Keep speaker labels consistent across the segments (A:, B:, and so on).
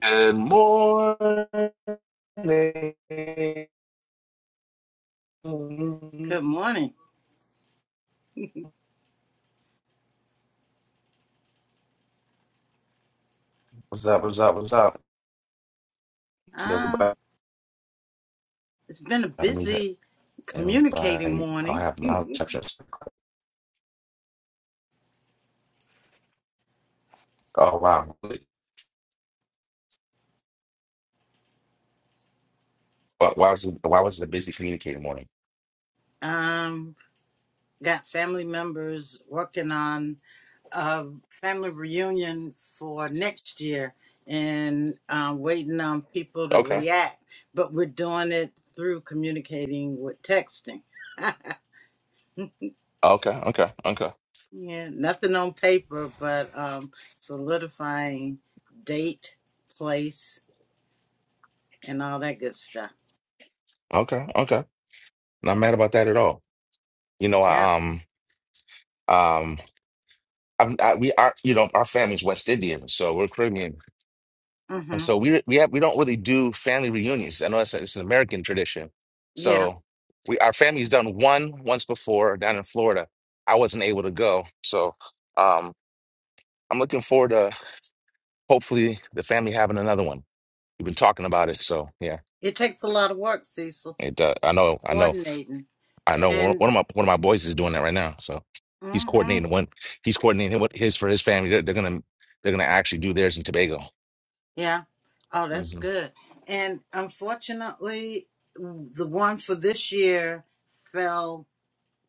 A: Good morning.
B: Good morning.
A: What's up? What's up? What's up? See
B: Um,
A: everybody.
B: it's been a
A: I need
B: busy
A: to
B: communicating
A: invite. i
B: morning.
A: have my exceptions. Oh wow. Why, why was it, why was it a busy communicating morning?
B: um, got family members working on a family reunion for next year and um, waiting on people to
A: Okay.
B: react, but we're doing it through communicating with texting.
A: Okay. Okay. Okay.
B: yeah, nothing on paper, but um, solidifying date, place, and all that good stuff.
A: Okay. Okay. Not mad about that at all. You know,
B: Yeah.
A: I um um I'm, I, we are you know our family's West Indian, so we're Caribbean And
B: Mm-hmm.
A: so we we have we don't really do family reunions. I know that's a, it's an American tradition.
B: Yeah.
A: So we our family's done one once before down in Florida. I wasn't able to go. So um I'm looking forward to hopefully the family having another one. We've been talking about it. So yeah.
B: It takes a lot of work, Cecil,
A: It uh, I know I know
B: coordinating.
A: I know one
B: And,
A: one of my one of my boys is doing that right now. So he's
B: mm hmm
A: coordinating one he's coordinating what his for his family. They're, they're gonna they're gonna actually do theirs in Tobago.
B: yeah. Oh, that's
A: hmm
B: good. And unfortunately, the one for this year fell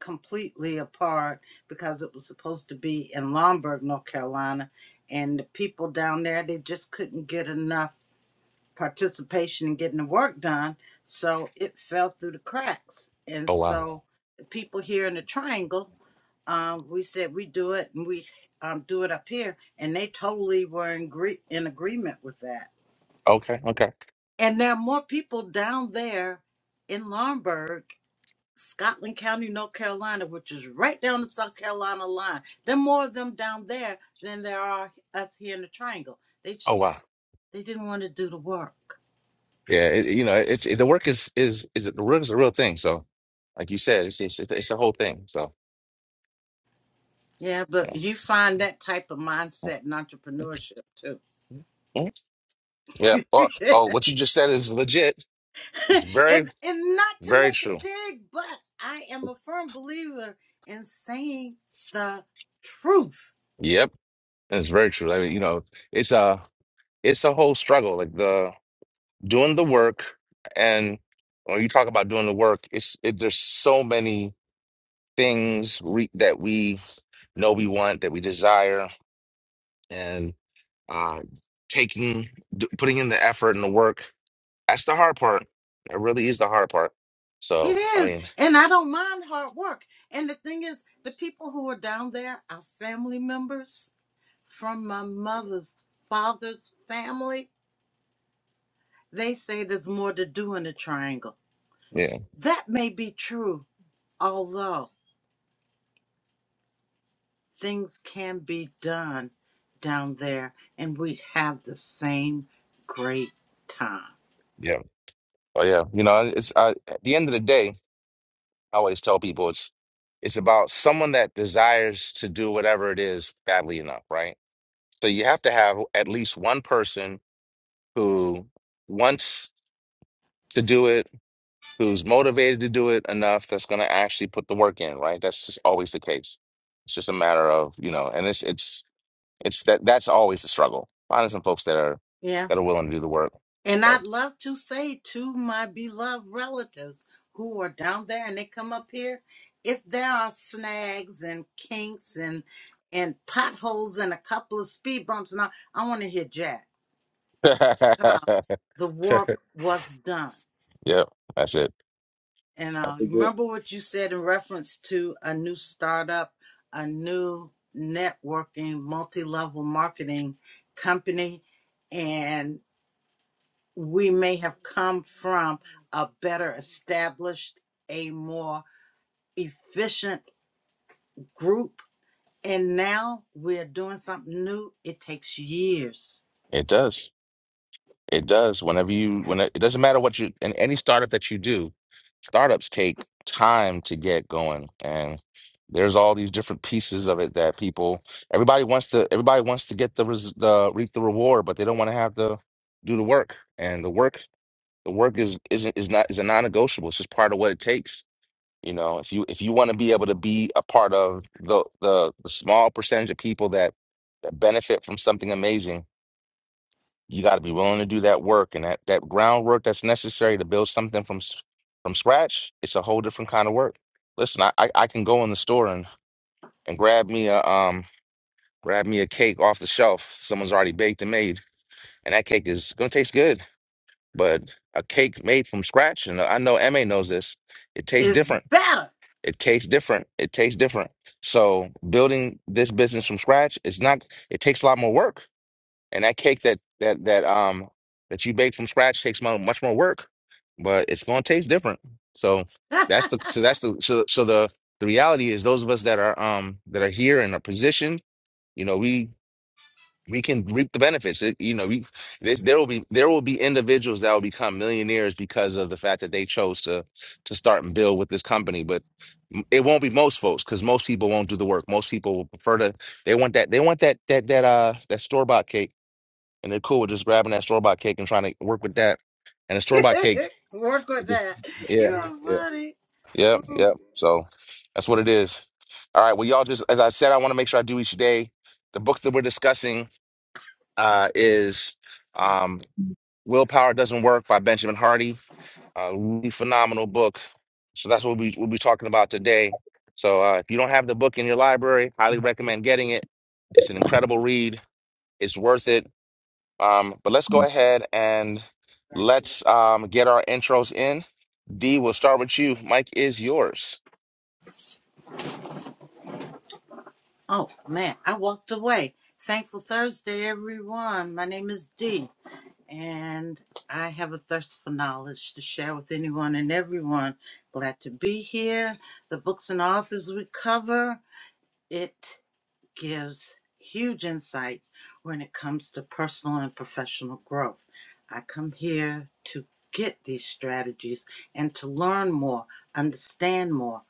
B: completely apart because it was supposed to be in Lombard, North Carolina. And the people down there, they just couldn't get enough participation in getting the work done. So it fell through the cracks. And
A: Oh wow.
B: so the people here in the triangle um, we said we do it and we um, do it up here, and they totally were in, gre- in agreement with that.
A: Okay, okay.
B: And there are more people down there in Lombard, Scotland County, North Carolina, which is right down the South Carolina line. There are more of them down there than there are us here in the Triangle. They
A: Oh
B: just
A: wow.
B: they didn't want to do the work.
A: Yeah, it, you know, it's it, the work is is is the work is a real thing. So, like you said, it's it's, it's a whole thing. So,
B: Yeah, but
A: yeah,
B: you find that type of mindset in entrepreneurship too.
A: Mhm. yeah. Oh, oh, what you just said is legit. It's
B: and
A: very,
B: and not to
A: very
B: make it
A: true.
B: big, but I am a firm believer in saying the truth.
A: Yep, it's very true. I mean, you know, it's a it's a whole struggle. Like the doing the work, and when you talk about doing the work, it's it, there's so many things we, that we know we want that we desire, and uh, taking d- putting in the effort and the work That's the hard part. That really is the hard part.
B: It
A: So, I
B: is,
A: mean,
B: and I don't mind hard work. And the thing is, the people who are down there are family members from my mother's father's family. They say there's more to do in a triangle.
A: yeah,
B: That may be true, although things can be done down there, and we have the same great time.
A: yeah, oh yeah. You know, it's I, at the end of the day, I always tell people it's it's about someone that desires to do whatever it is badly enough, right? So you have to have at least one person who wants to do it. who's motivated to do it enough that's going to actually put the work in, right? That's just always the case. It's just a matter of, you know, and it's it's it's that that's always the struggle. Finding some folks that are
B: Yeah.
A: that are willing to do the work.
B: And
A: So,
B: I'd love to say to my beloved relatives who are down there and they come up here, if there are snags and kinks and and potholes and a couple of speed bumps and all, I want to hear Jack. Uh, the work was done.
A: yeah, that's it.
B: And uh,
A: That's it.
B: remember what you said in reference to a new startup, a new networking, multi-level marketing company. we may have come from a better established, a more efficient group. And now we're doing something new. It takes years.
A: It does. It does. Whenever you, when it, it doesn't matter what you, in any startup that you do, startups take time to get going, and there's all these different pieces of it that people, everybody wants to, everybody wants to get the res, the reap the reward, but they don't want to have to do the work. And the work, the work is isn't is not is a non-negotiable. It's just part of what it takes. You know, if you if you want to be able to be a part of the the, the small percentage of people that that benefit from something amazing you got to be willing to do that work and that that groundwork that's necessary to build something from s- from scratch. It's a whole different kind of work. Listen, I I, I can go in the store and and grab me a um grab me a cake off the shelf. Someone's already baked and made, and that cake is gonna taste good. But a cake made from scratch, and I know Ma knows this. It tastes
B: It's
A: different.
B: better.
A: It tastes different. It tastes different. So building this business from scratch, it's not. It takes a lot more work and that cake that that that um that you bake from scratch takes mo- much more work, but it's gonna taste different. So that's the so that's the so so the the reality is those of us that are um that are here in a position, you know, we we can reap the benefits. It, you know, we this, there will be there will be individuals that will become millionaires because of the fact that they chose to to start and build with this company. But m- it won't be most folks because most people won't do the work. Most people will prefer to they want that they want that that that uh that store bought cake and they're cool with just grabbing that store bought cake and trying to work with that. And the store bought cake,
B: Work with
A: it just
B: that. You
A: yeah,
B: are
A: yeah,
B: funny.
A: yep, yep. So that's what it is. All right. Well, y'all just as I said, I want to make sure I do each day. The books that we're discussing uh, is um, "Willpower Doesn't Work" by Benjamin Hardy. A really phenomenal book. So that's what we we'll be talking about today. So uh, if you don't have the book in your library, highly recommend getting it. It's an incredible read. It's worth it Um, but let's go ahead and let's um, get our intros in. D, we'll start with you. Mike is yours.
B: Oh man, I walked away. Thankful Thursday, everyone. My name is Dee, and I have a thirst for knowledge to share with anyone and everyone. Glad to be here. The books and authors we cover. it gives huge insight when it comes to personal and professional growth. I come here to get these strategies and to learn more, understand more.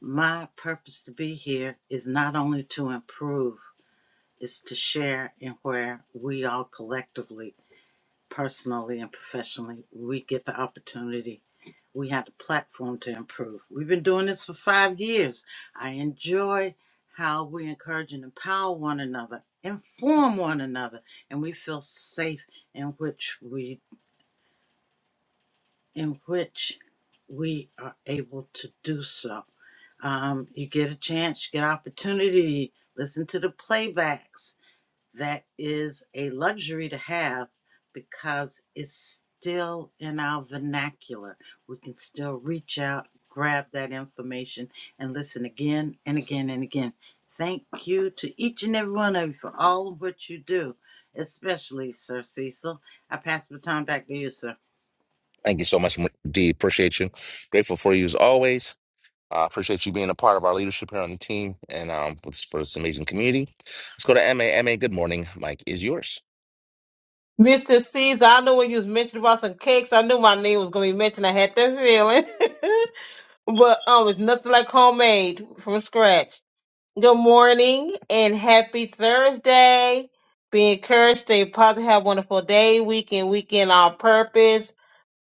B: My purpose to be here is not only to improve, it's to share in where we all collectively personally and professionally, we get the opportunity. We have the platform to improve. We've been doing this for five years. I enjoy how we encourage and empower one another, inform one another, and we feel safe in which we in which we are able to do so. Um, you get a chance, you get opportunity, listen to the playbacks, that is a luxury to have because it's still in our vernacular. We can still reach out, grab that information, and listen again and again and again. Thank you to each and every one of you for all of what you do, especially Sir Cecil. I pass the baton back to you, sir.
A: Thank you so much, M- D. Appreciate you. Grateful for you as always. Uh, appreciate you being a part of our leadership here on the team and um, for, this, for this amazing community. Let's go to M A M A. good morning. Mike is yours.
C: Mr. Caesar, I knew when you was mentioning about some cakes, I knew my name was gonna be mentioned. I had that feeling. but um it's nothing like homemade from scratch. Good morning and happy Thursday. Be encouraged, stay positive, have a wonderful day, weekend, weekend on purpose.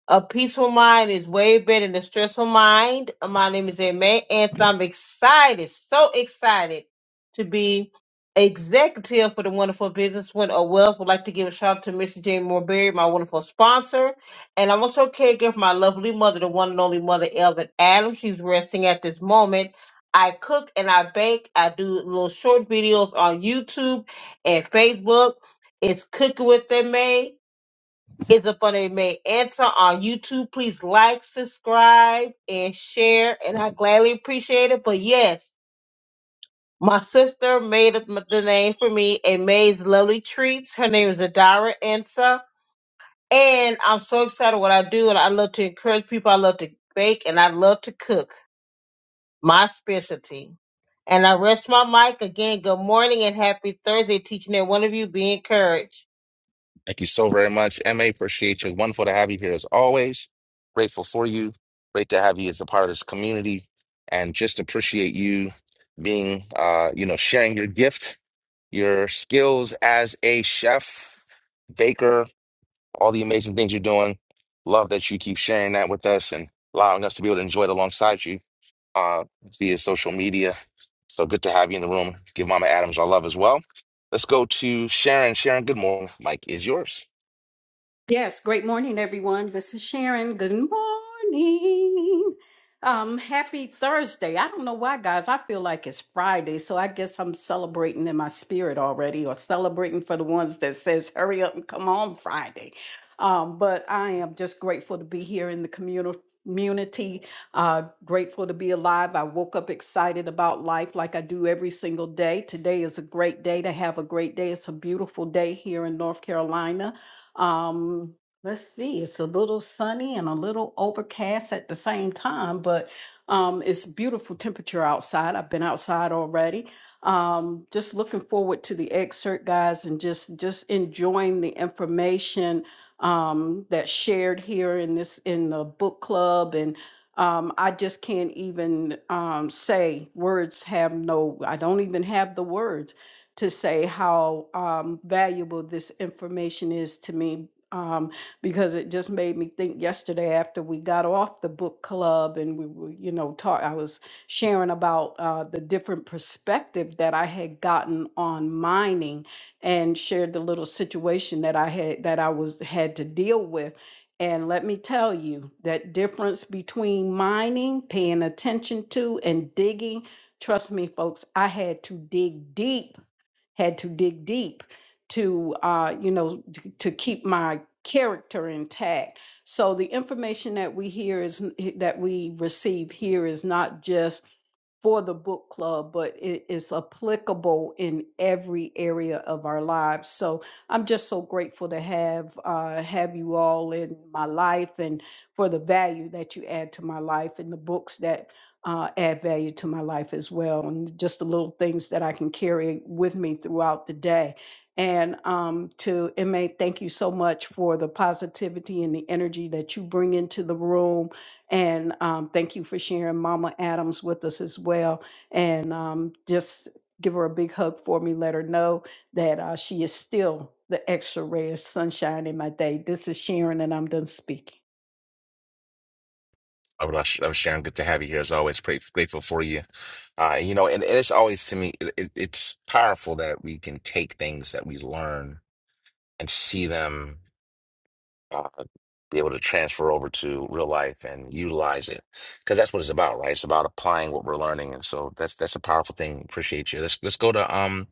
C: A peaceful mind is way better than a stressful mind. My name is Aimee, and so I'm excited, so excited to be executive for the wonderful business one of wealth. Would like to give a shout out to Mr. Jamie Morberry, my wonderful sponsor, and I'm also caregiver for my lovely mother, the one and only mother, Elvin Adams. She's resting at this moment. I cook and I bake. I do little short videos on YouTube and Facebook. It's cooking with them, is upon a may answer on YouTube. Please like, subscribe, and share. And I gladly appreciate it. But yes, my sister made up the name for me and May's Lovely Treats. Her name is Adara Ansa. And I'm so excited what I do. And I love to encourage people. I love to bake and I love to cook. My specialty. And I rest my mic again. Good morning and happy Thursday, teaching that one of you be encouraged.
A: Thank you so very much, MA. Appreciate you. Wonderful to have you here as always. Grateful for you. Great to have you as a part of this community and just appreciate you being, uh, you know, sharing your gift your skills as a chef, baker, all the amazing things you're doing. Love that you keep sharing that with us and allowing us to be able to enjoy it alongside you uh, via social media. So good to have you in the room. Give Mama Adams our love as well. Let's go to Sharon. Sharon, good morning. Mike is yours.
D: Yes, great morning, everyone. This is Sharon. Good morning. Um, happy Thursday. I don't know why, guys. I feel like it's Friday, so I guess I'm celebrating in my spirit already, or celebrating for the ones that says "Hurry up and come on Friday." Um, but I am just grateful to be here in the community. Community, uh, grateful to be alive. I woke up excited about life like I do every single day. Today is a great day to have a great day. It's a beautiful day here in North Carolina um, let's see, it's a little sunny and a little overcast at the same time, but um, it's beautiful temperature outside. I've been outside already. Um, just looking forward to the excerpt, guys, and just just enjoying the information um, that's shared here in this in the book club and. Um, I just can't even um, say words have no, I don't even have the words to say how um, valuable this information is to me um, because it just made me think yesterday after we got off the book club and we were, you know, talk, I was sharing about uh, the different perspective that I had gotten on mining and shared the little situation that I had that I was had to deal with. And let me tell you that difference between mining, paying attention to, and digging. Trust me, folks, I had to dig deep had to dig deep to uh, you know to, to keep my character intact so the information that we hear is that we receive here is not just for the book club but it is applicable in every area of our lives so i'm just so grateful to have uh, have you all in my life and for the value that you add to my life and the books that uh, add value to my life as well, and just the little things that I can carry with me throughout the day. And um, to MA, thank you so much for the positivity and the energy that you bring into the room. And um, thank you for sharing Mama Adams with us as well. And um, just give her a big hug for me. Let her know that uh, she is still the extra ray of sunshine in my day. This is Sharon, and I'm done speaking.
A: I would love, Sharon. Good to have you here as always. Pray, grateful for you. Uh, you know, and, and it's always to me, it, it- it's powerful that we can take things that we learn and see them uh, be able to transfer over to real life and utilize it because that's what it's about, right? It's about applying what we're learning, and so that's that's a powerful thing. Appreciate you. Let's let's go to um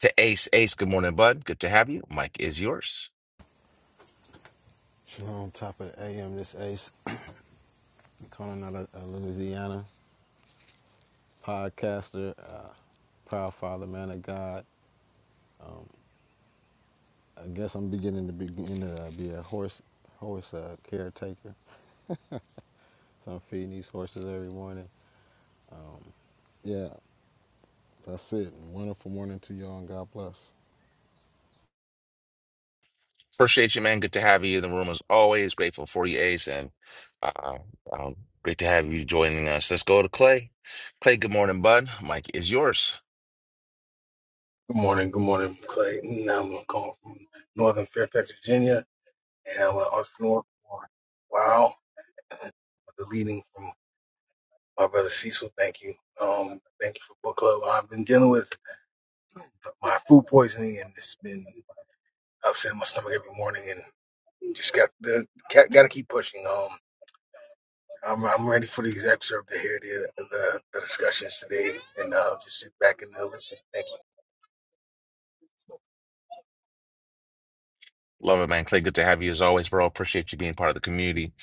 A: to Ace. Ace, good morning, bud. Good to have you. Mike is yours.
E: On top of the AM, this Ace, calling out a, a Louisiana podcaster, uh, proud father, man of God. Um, I guess I'm beginning to begin to uh, be a horse horse uh, caretaker. So I'm feeding these horses every morning. Um, yeah, that's it. Wonderful morning to y'all, and God bless.
A: Appreciate you, man. Good to have you in the room as always. Grateful for you, Ace, and uh, um, great to have you joining us. Let's go to Clay. Clay, good morning, bud. Mike is yours.
F: Good morning, good morning, Clayton. I'm going call from Northern Fairfax, Virginia, and I'm an entrepreneur for Wow, with the leading from my brother Cecil. Thank you. Um, thank you for book club. I've been dealing with my food poisoning, and it's been upsetting my stomach every morning, and just got the got, got to keep pushing. Um, I'm I'm ready for the exec serve to hear the the, the discussions today, and uh, just sit back and uh, listen. Thank you.
A: Love it, man. Clay, good to have you as always, bro. Appreciate you being part of the community.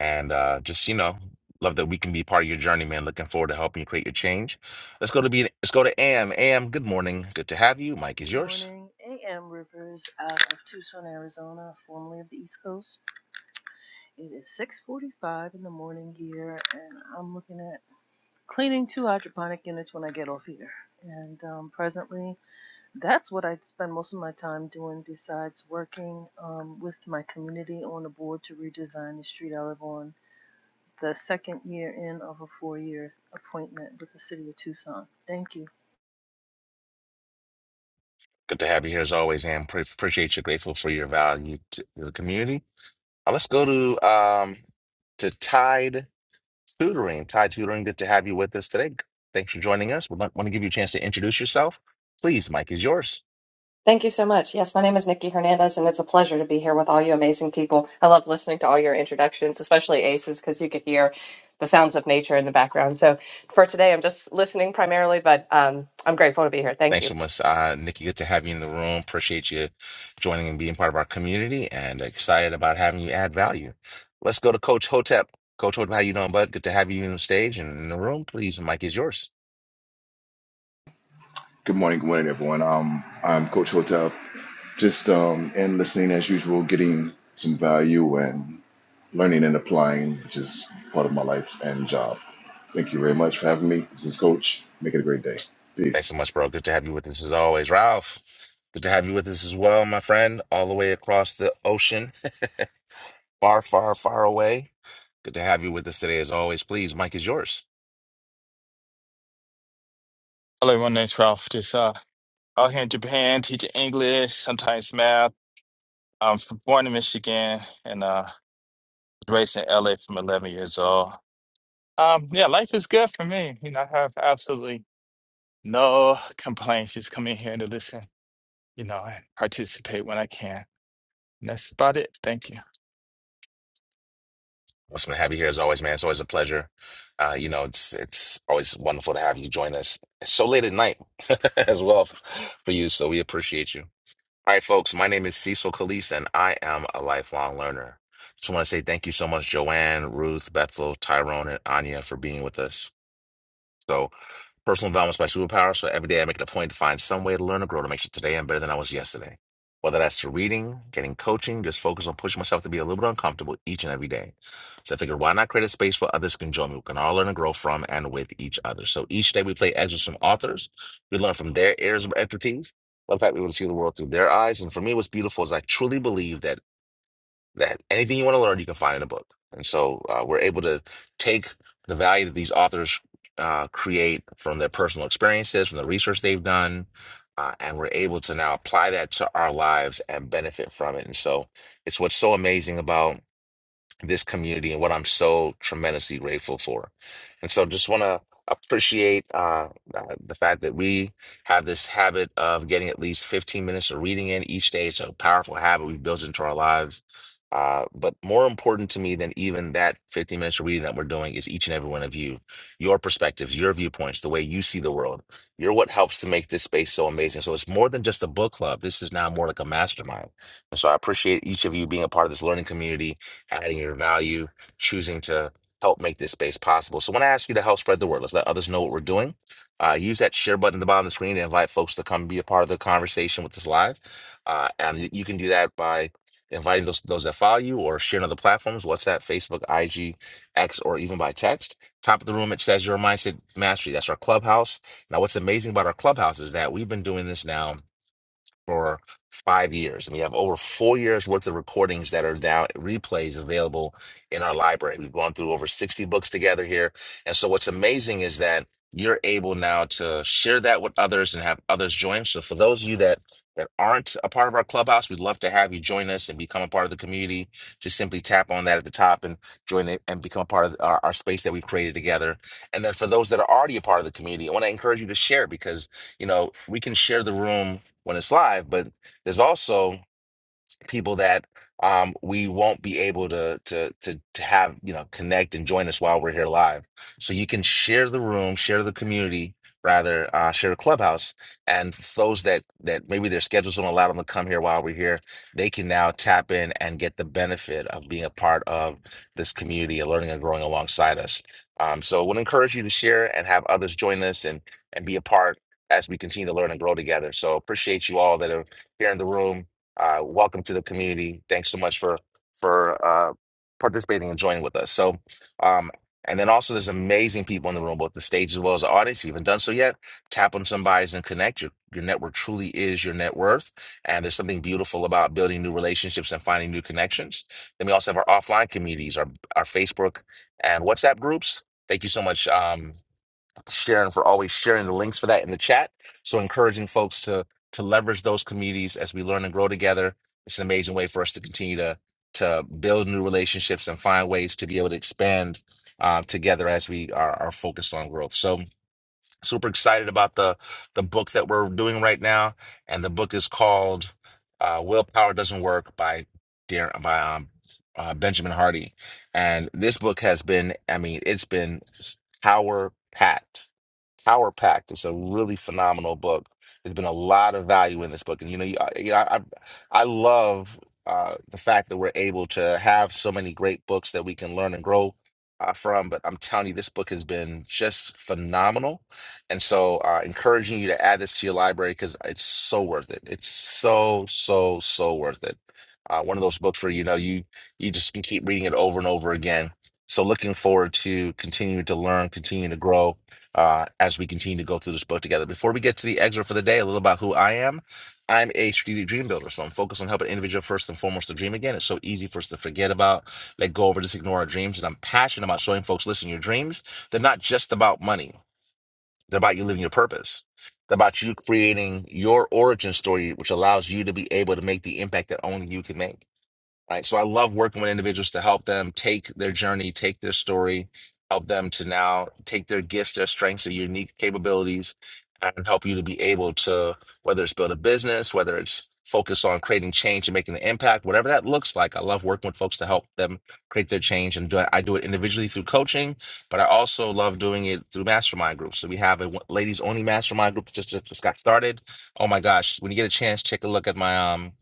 A: And uh, just, you know, love that we can be part of your journey, man. Looking forward to helping you create your change. Let's go to be let's go to Am. Am, good morning. Good to have you. Mike is
G: Good
A: yours.
G: morning, AM Rivers out of Tucson, Arizona, formerly of the East Coast. It is 6:45 in the morning here, and I'm looking at cleaning two hydroponic units when I get off here. And um, presently, that's what I spend most of my time doing, besides working um, with my community on a board to redesign the street I live on. The second year in of a four-year appointment with the city of Tucson. Thank you.
A: Good to have you here as always, Am. Pre- appreciate you. Grateful for your value to the community. Uh, let's go to um to Tide Tutoring. Tide Tutoring, good to have you with us today. Thanks for joining us. We want to give you a chance to introduce yourself. Please, Mike is yours.
H: Thank you so much. Yes, my name is Nikki Hernandez, and it's a pleasure to be here with all you amazing people. I love listening to all your introductions, especially Aces, because you could hear the sounds of nature in the background. So for today, I'm just listening primarily, but um, I'm grateful to be here. Thank
A: Thanks
H: you.
A: so much, uh, Nikki. Good to have you in the room. Appreciate you joining and being part of our community, and excited about having you add value. Let's go to Coach Hotep. Coach Hotep, how you doing, bud? Good to have you on the stage and in the room. Please, the mic is yours.
I: Good morning, good morning, everyone. Um, I'm Coach Hotel. Just um, and listening as usual, getting some value and learning and applying, which is part of my life and job. Thank you very much for having me. This is Coach. Make it a great day.
A: Thanks
I: Peace.
A: so much, bro. Good to have you with us as always, Ralph. Good to have you with us as well, my friend, all the way across the ocean, far, far, far away. Good to have you with us today, as always. Please, mic is yours.
J: Hello, my name's Ralph. Just uh, out here in Japan, teaching English, sometimes math. I'm from, born in Michigan and uh, raised in LA from 11 years old. Um, yeah, life is good for me. You know, I have absolutely no complaints. Just come in here to listen, you know, and participate when I can. And that's about it. Thank you.
A: What's been happy here as always, man. It's always a pleasure. Uh, you know, it's it's always wonderful to have you join us. It's so late at night as well f- for you, so we appreciate you. All right, folks, my name is Cecil Calise, and I am a lifelong learner. Just want to say thank you so much, Joanne, Ruth, Bethel, Tyrone, and Anya for being with us. So personal development's my superpower. So every day I make it a point to find some way to learn and grow to make sure today I'm better than I was yesterday. Whether that's through reading, getting coaching, just focus on pushing myself to be a little bit uncomfortable each and every day. So I figured, why not create a space where others can join me? We can all learn and grow from and with each other. So each day we play excerpts from authors. We learn from their areas of expertise. But in fact, we will see the world through their eyes. And for me, what's beautiful is I truly believe that that anything you want to learn, you can find in a book. And so uh, we're able to take the value that these authors uh, create from their personal experiences, from the research they've done, uh, and we're able to now apply that to our lives and benefit from it. And so it's what's so amazing about this community and what I'm so tremendously grateful for. And so just want to appreciate uh, uh, the fact that we have this habit of getting at least 15 minutes of reading in each day. It's a powerful habit we've built into our lives. Uh, but more important to me than even that 15 minutes of reading that we're doing is each and every one of you, your perspectives, your viewpoints, the way you see the world. You're what helps to make this space so amazing. So it's more than just a book club. This is now more like a mastermind. And so I appreciate each of you being a part of this learning community adding your value, choosing to help make this space possible. So when I ask you to help spread the word, let's let others know what we're doing. Uh, use that share button at the bottom of the screen to invite folks to come be a part of the conversation with us live. Uh, and you you can do that by inviting those those that follow you or sharing other platforms, WhatsApp, Facebook, IG, X, or even by text. Top of the room, it says your mindset mastery. That's our clubhouse. Now, what's amazing about our clubhouse is that we've been doing this now for five years, and we have over four years worth of recordings that are now replays available in our library. We've gone through over 60 books together here. And so what's amazing is that you're able now to share that with others and have others join. So for those of you that that aren't a part of our clubhouse, we'd love to have you join us and become a part of the community. Just simply tap on that at the top and join it and become a part of our, our space that we've created together. And then for those that are already a part of the community, I want to encourage you to share because, you know, we can share the room when it's live, but there's also people that um, we won't be able to, to to to have you know connect and join us while we're here live. So you can share the room, share the community, rather uh, share the clubhouse, and those that that maybe their schedules don't allow them to come here while we're here, they can now tap in and get the benefit of being a part of this community and learning and growing alongside us. Um, so, would encourage you to share and have others join us and and be a part as we continue to learn and grow together. So, appreciate you all that are here in the room uh, welcome to the community. Thanks so much for for uh, participating and joining with us. So, um, and then also there's amazing people in the room, both the stage as well as the audience. If you haven't done so yet, tap on some bodies and connect. Your your network truly is your net worth, and there's something beautiful about building new relationships and finding new connections. Then we also have our offline communities, our our Facebook and WhatsApp groups. Thank you so much. Um, Sharon for always sharing the links for that in the chat. So encouraging folks to to leverage those communities as we learn and grow together. It's an amazing way for us to continue to to build new relationships and find ways to be able to expand uh, together as we are, are focused on growth. So super excited about the the book that we're doing right now, and the book is called uh, "Willpower Doesn't Work" by Dar- by um, uh, Benjamin Hardy, and this book has been I mean it's been power packed, power packed. It's a really phenomenal book. There's been a lot of value in this book, and you know you, I- you know I I love. Uh, the fact that we're able to have so many great books that we can learn and grow uh, from, but I'm telling you, this book has been just phenomenal and so, uh, encouraging you to add this to your library because it's so worth it. It's so, so, so worth it. Uh, one of those books where you know you you just can keep reading it over and over again. So, looking forward to continuing to learn, continue to grow uh, as we continue to go through this book together. Before we get to the excerpt for the day, a little about who I am. I'm a strategic dream builder, so I'm focused on helping individual first and foremost to dream again. It's so easy for us to forget about, let go over, just ignore our dreams. And I'm passionate about showing folks, listen, your dreams, they're not just about money. It's about you living your purpose. It's about you creating your origin story, which allows you to be able to make the impact that only you can make right? So I love working with individuals to help them take their journey, take their story, help them to now take their gifts, their strengths, their unique capabilities, and help you to be able to, whether it's build a business, whether it's focus on creating change and making an impact, whatever that looks like. I love working with folks to help them create their change. And do it- I do it individually through coaching, but I also love doing it through mastermind groups. So we have a ladies only mastermind group that just, just, just got started. Oh my gosh, when you get a chance, take a look at my, um,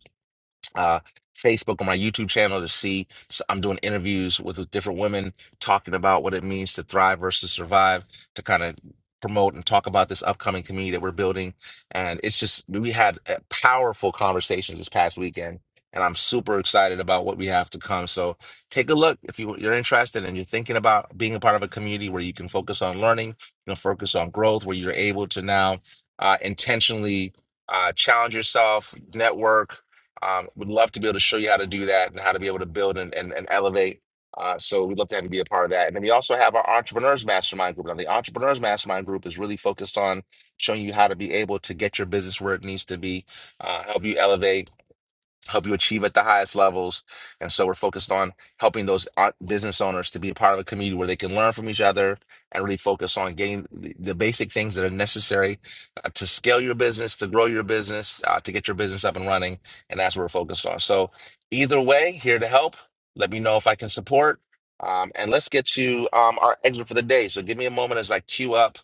A: uh, Facebook on my YouTube channel to see. So I'm doing interviews with, with different women talking about what it means to thrive versus survive to kind of promote and talk about this upcoming community that we're building. And it's just, we had uh, powerful conversations this past weekend. And I'm super excited about what we have to come. So take a look if you, you're interested and you're thinking about being a part of a community where you can focus on learning, you know focus on growth, where you're able to now uh, intentionally uh, challenge yourself, network, um, would love to be able to show you how to do that and how to be able to build and, and, and elevate. Uh, so we'd love to have you be a part of that. And then we also have our Entrepreneurs Mastermind Group. Now, the Entrepreneurs Mastermind Group is really focused on showing you how to be able to get your business where it needs to be, uh, help you elevate help you achieve at the highest levels. And so we're focused on helping those o- business owners to be a part of a community where they can learn from each other and really focus on getting the the basic things that are necessary uh, to scale your business, to grow your business, uh, to get your business up and running. And that's what we're focused on. So either way, here to help. Let me know if I can support. Um, and let's get to um, our excerpt for the day. So give me a moment as I queue up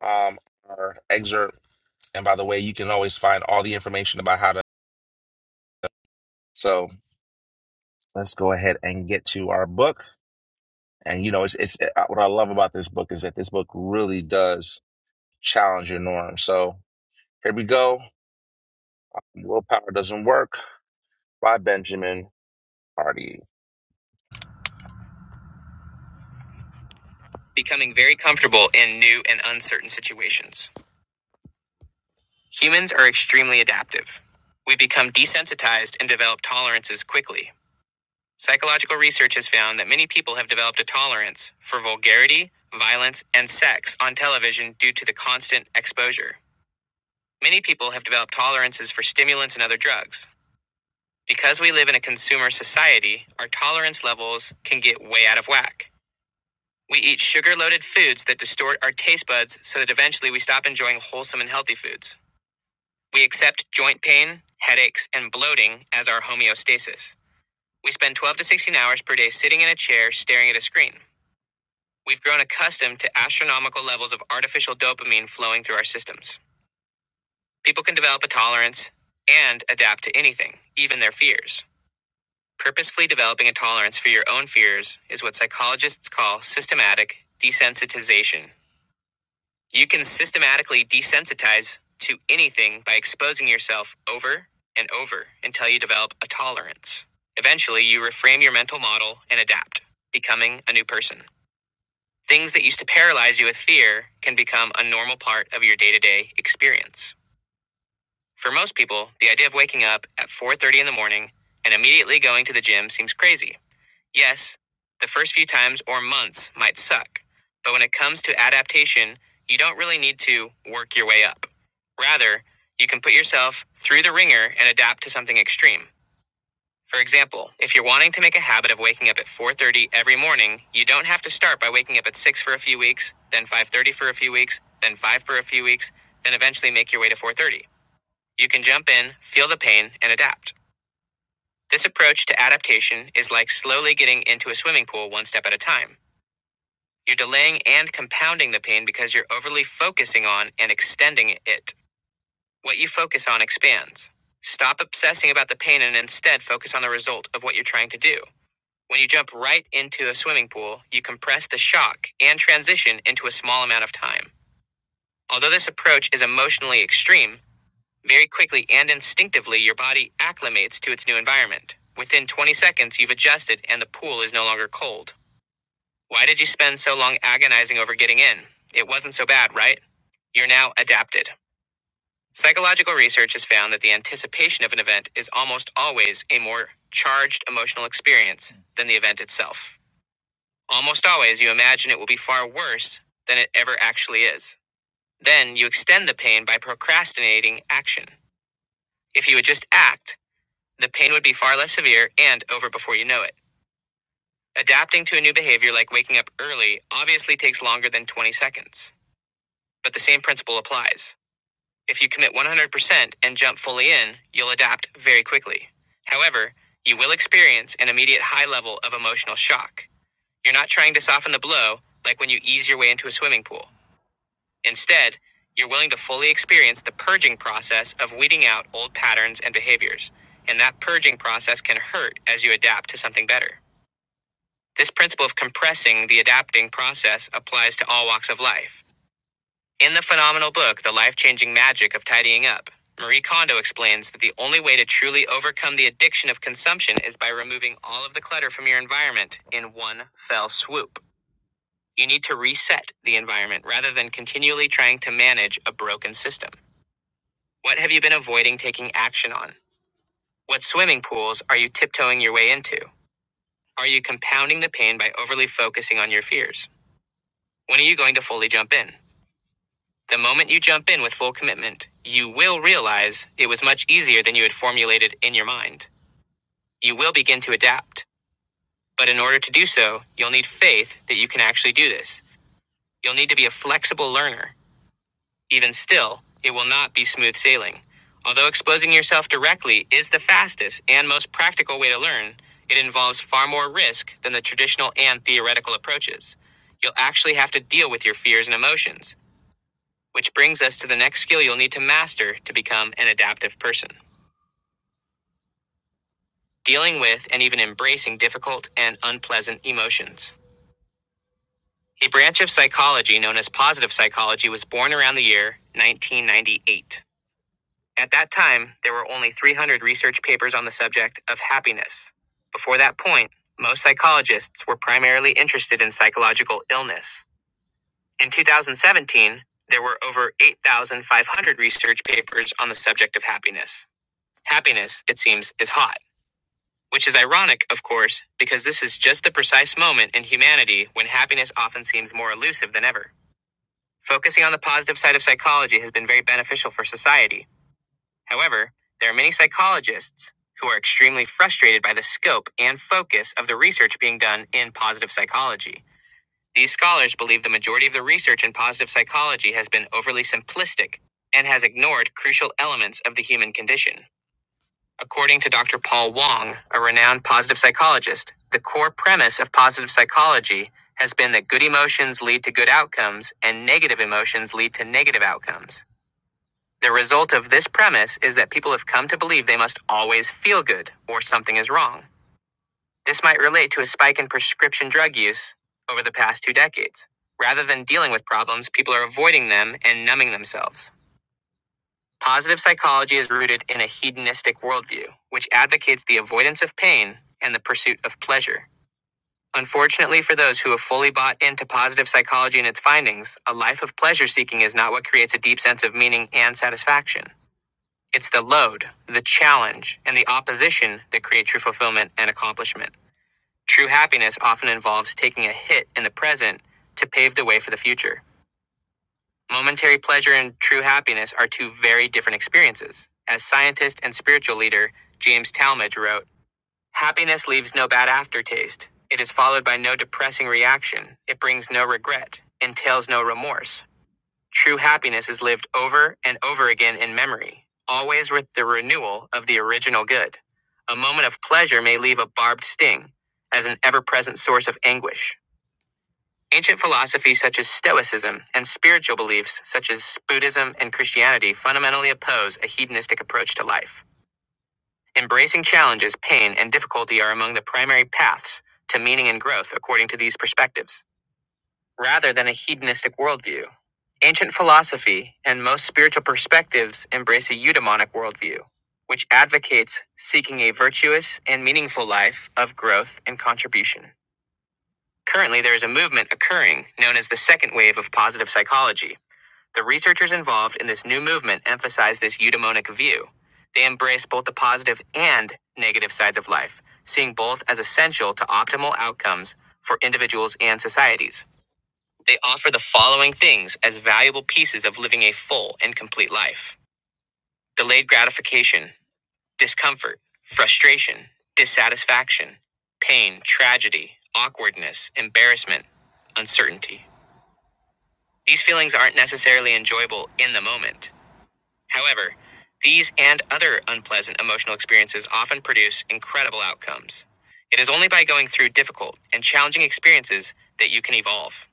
A: um, our excerpt. And by the way, you can always find all the information about how to. So let's go ahead and get to our book. And you know, it's it's uh, what I love about this book is that this book really does challenge your norm. So here we go. Willpower doesn't work by Benjamin Hardy. Becoming very comfortable in new and uncertain situations. Humans are extremely adaptive. We become desensitized and develop tolerances quickly. Psychological research has found that many people have developed a tolerance for vulgarity, violence, and sex on television due to the constant exposure. Many people have developed tolerances for stimulants and other drugs. Because we live in a consumer society, our tolerance levels can get way out of whack. We eat sugar loaded foods that distort our taste buds so that eventually we stop enjoying wholesome and healthy foods. We accept joint pain, headaches, and bloating as our homeostasis. We spend 12 to 16 hours per day sitting in a chair staring at a screen. We've grown accustomed to astronomical levels of artificial dopamine flowing through our systems. People can develop a tolerance and adapt to anything, even their fears. Purposefully developing a tolerance for your own fears is what psychologists call systematic desensitization. You can systematically desensitize to anything by exposing yourself over and over until you develop a tolerance. Eventually, you reframe your mental model and adapt, becoming a new person. Things that used to paralyze you with fear can become a normal part of your day to day experience. For most people, the idea of waking up at 4:30 in the morning and immediately going to the gym seems crazy. Yes, the first few times or months might suck, but when it comes to adaptation, you don't really need to work your way up. Rather, you can put yourself through the ringer and adapt to something extreme. For example, if you're wanting to make a habit of waking up at 4:30 every morning, you don't have to start by waking up at 6 for a few weeks, then 5:30 for a few weeks, then 5 for a few weeks, then eventually make your way to 4:30. You can jump in, feel the pain, and adapt. This approach to adaptation is like slowly getting into a swimming pool one step at a time. You're delaying and compounding the pain because you're overly focusing on and extending it. What you focus on expands. Stop obsessing about the pain and instead focus on the result of what you're trying to do. When you jump right into a swimming pool, you compress the shock and transition into a small amount of time. Although this approach is emotionally extreme, Very quickly and instinctively, your body acclimates to its new environment. Within 20 seconds, you've adjusted and the pool is no longer cold. Why did you spend so long agonizing over getting in? It wasn't so bad, right? You're now adapted. Psychological research has found that the anticipation of an event is almost always a more charged emotional experience than the event itself. Almost always, you imagine it will be far worse than it ever actually is. Then you extend the pain by procrastinating action. If you would just act, The pain would be far less severe and over before you know it. Adapting to a new behavior like waking up early obviously takes longer than 20 seconds, but the same principle applies. If you commit 100% and jump fully in, you'll adapt very quickly. However, you will experience an immediate high level of emotional shock. You're not trying to soften the blow like when you ease your way into a swimming pool. Instead, you're willing to fully experience the purging process of weeding out old patterns and behaviors. And that purging process can hurt as you adapt to something better. This principle of compressing the adapting process applies to all walks of life. In the phenomenal book, The Life Changing Magic of Tidying Up, Marie Kondo explains that the only way to truly overcome the addiction of consumption is by removing all of the clutter from your environment in one fell swoop. You need to reset the environment rather than continually trying to manage a broken system. What have you been avoiding taking action on? What swimming pools are you tiptoeing your way into? Are you compounding the pain by overly focusing on your fears? When are you going to fully jump in? The moment you jump in with full commitment, you will realize it was much easier than you had formulated in your mind. You will begin to adapt. But in order to do so, you'll need faith that you can actually do this. You'll need to be a flexible learner Even still, it will not be smooth sailing. Although exposing yourself directly is the fastest and most practical way to learn, it involves far more risk than the traditional and theoretical approaches. You'll actually have to deal with your fears and emotions, which brings us to the next skill you'll need to master to become an adaptive person dealing with and even embracing difficult and unpleasant emotions. A branch of psychology known as positive psychology was born around the year 1998. At that time, there were only 300 research papers on the subject of happiness. Before that point, most psychologists were primarily interested in psychological illness. In 2017, there were over 8,500 research papers on the subject of happiness. Happiness, it seems, is hot, which is ironic, of course, because this is just the precise moment in humanity when happiness often seems more elusive than ever. Focusing on the positive side of psychology has been very beneficial for society However, there are many psychologists who are extremely frustrated by the scope and focus of the research being done in positive psychology. These scholars believe the majority of the research in positive psychology has been overly simplistic and has ignored crucial elements of the human condition. According to Dr. Paul Wong, a renowned positive psychologist, the core premise of positive psychology has been that good emotions lead to good outcomes and negative emotions lead to negative outcomes. The result of this premise is that people have come to believe they must always feel good or something is wrong. This might relate to a spike in prescription drug use over the past two decades. Rather than dealing with problems, people are avoiding them and numbing themselves. Positive psychology is rooted in a hedonistic worldview, which advocates the avoidance of pain and the pursuit of pleasure. Unfortunately, for those who have fully bought into positive psychology and its findings, a life of pleasure seeking is not what creates a deep sense of meaning and satisfaction. It's the load, the challenge, and the opposition that create true fulfillment and accomplishment. True happiness often involves taking a hit in the present to pave the way for the future. Momentary pleasure and true happiness are two very different experiences. As scientist and spiritual leader James Talmage wrote, Happiness leaves no bad aftertaste. It is followed by no depressing reaction. It brings no regret, entails no remorse. True happiness is lived over and over again in memory, always with the renewal of the original good. A moment of pleasure may leave a barbed sting as an ever present source of anguish. Ancient philosophies such as Stoicism and spiritual beliefs such as Buddhism and Christianity fundamentally oppose a hedonistic approach to life. Embracing challenges, pain, and difficulty are among the primary paths to meaning and growth according to these perspectives rather than a hedonistic worldview. Ancient philosophy and most spiritual perspectives embrace a eudaimonic worldview, which advocates seeking a virtuous and meaningful life of growth and contribution. Currently, there is a movement occurring known as the second wave of positive psychology. The researchers involved in this new movement emphasize this eudaimonic view. They embrace both the positive and negative sides of life, seeing both as essential to optimal outcomes for individuals and societies. They offer the following things as valuable pieces of living a full and complete life delayed gratification, discomfort, frustration, dissatisfaction, pain, tragedy, awkwardness, embarrassment, uncertainty. These feelings aren't necessarily enjoyable in the moment. However, these and other unpleasant emotional experiences often produce incredible outcomes. It is only by going through difficult and challenging experiences that you can evolve.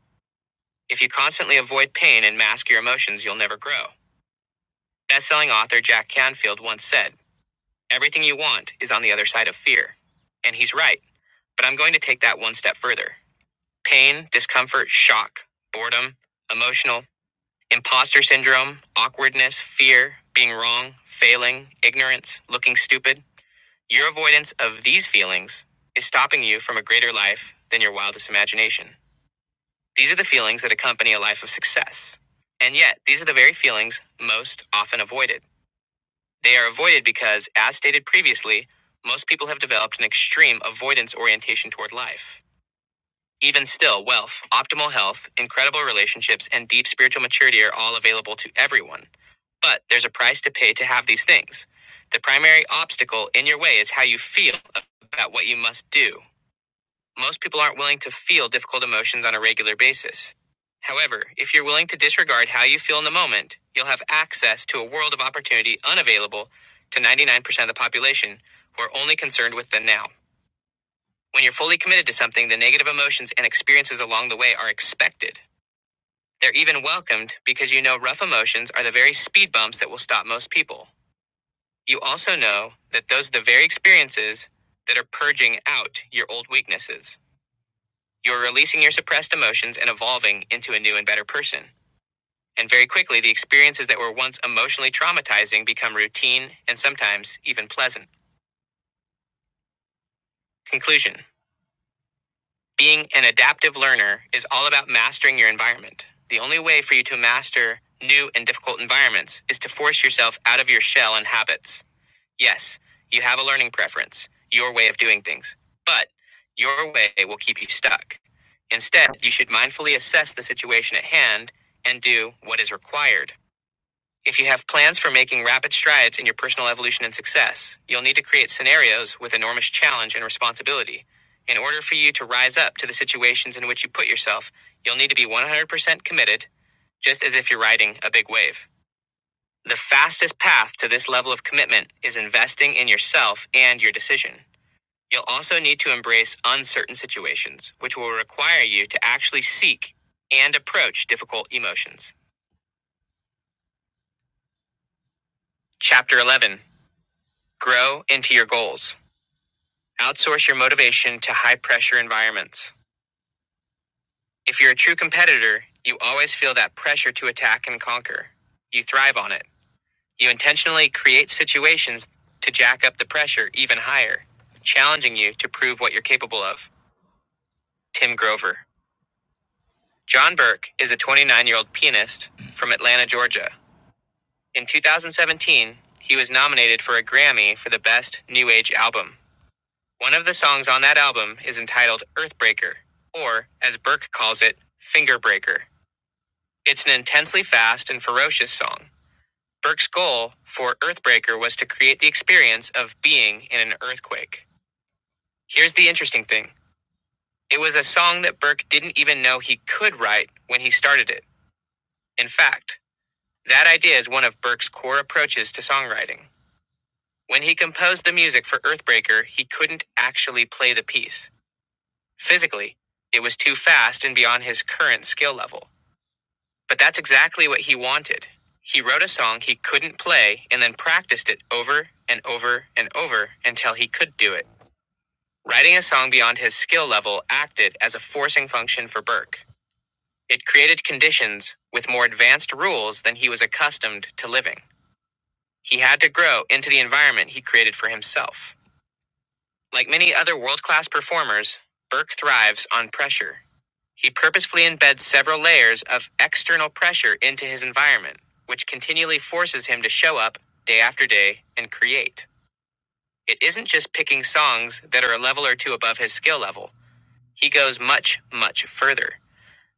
A: If you constantly avoid pain and mask your emotions, you'll never grow. Best-selling author Jack Canfield once said, "Everything you want is on the other side of fear." And he's right, but I'm going to take that one step further. Pain, discomfort, shock, boredom, emotional, imposter syndrome, awkwardness, fear, being wrong, failing, ignorance, looking stupid. Your avoidance of these feelings is stopping you from a greater life than your wildest imagination. These are the feelings that accompany a life of success. And yet, these are the very feelings most often avoided. They are avoided because, as stated previously, most people have developed an extreme avoidance orientation toward life. Even still, wealth, optimal health, incredible relationships, and deep spiritual maturity are all available to everyone. But there's a price to pay to have these things. The primary obstacle in your way is how you feel about what you must do. Most people aren't willing to feel difficult emotions on a regular basis. However, if you're willing to disregard how you feel in the moment, you'll have access to a world of opportunity unavailable to 99% of the population who are only concerned with the now. When you're fully committed to something, the negative emotions and experiences along the way are expected. They're even welcomed because you know rough emotions are the very speed bumps that will stop most people. You also know that those are the very experiences that are purging out your old weaknesses. You're releasing your suppressed emotions and evolving into a new and better person. And very quickly, the experiences that were once emotionally traumatizing become routine and sometimes even pleasant. Conclusion Being an adaptive learner is all about mastering your environment. The only way for you to master new and difficult environments is to force yourself out of your shell and habits. Yes, you have a learning preference, your way of doing things, but your way will keep you stuck. Instead, you should mindfully assess the situation at hand and do what is required. If you have plans for making rapid strides in your personal evolution and success, you'll need to create scenarios with enormous challenge and responsibility. In order for you to rise up to the situations in which you put yourself, you'll need to be 100% committed, just as if you're riding a big wave. The fastest path to this level of commitment is investing in yourself and your decision. You'll also need to embrace uncertain situations, which will require you to actually seek and approach difficult emotions. Chapter 11 Grow into your goals. Outsource your motivation to high pressure environments. If you're a true competitor, you always feel that pressure to attack and conquer. You thrive on it. You intentionally create situations to jack up the pressure even higher, challenging you to prove what you're capable of. Tim Grover. John Burke is a 29 year old pianist from Atlanta, Georgia. In 2017, he was nominated for a Grammy for the Best New Age Album. One of the songs on that album is entitled Earthbreaker, or as Burke calls it, Fingerbreaker. It's an intensely fast and ferocious song. Burke's goal for Earthbreaker was to create the experience of being in an earthquake. Here's the interesting thing it was a song that Burke didn't even know he could write when he started it. In fact, that idea is one of Burke's core approaches to songwriting. When he composed the music for Earthbreaker, he couldn't actually play the piece. Physically, it was too fast and beyond his current skill level. But that's exactly what he wanted. He wrote a song he couldn't play and then practiced it over and over and over until he could do it. Writing a song beyond his skill level acted as a forcing function for Burke. It created conditions with more advanced rules than he was accustomed to living. He had to grow into the environment he created for himself. Like many other world class performers, Burke thrives on pressure. He purposefully embeds several layers of external pressure into his environment, which continually forces him to show up day after day and create. It isn't just picking songs that are a level or two above his skill level, he goes much, much further.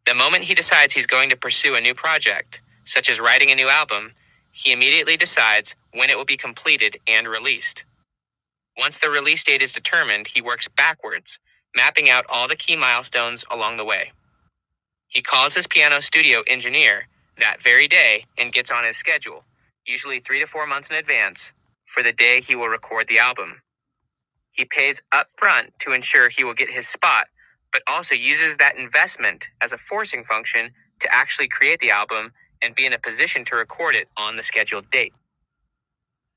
A: The moment he decides he's going to pursue a new project, such as writing a new album, he immediately decides when it will be completed and released. Once the release date is determined, he works backwards, mapping out all the key milestones along the way. He calls his piano studio engineer that very day and gets on his schedule, usually three to four months in advance, for the day he will record the album. He pays up front to ensure he will get his spot, but also uses that investment as a forcing function to actually create the album and be in a position to record it on the scheduled date.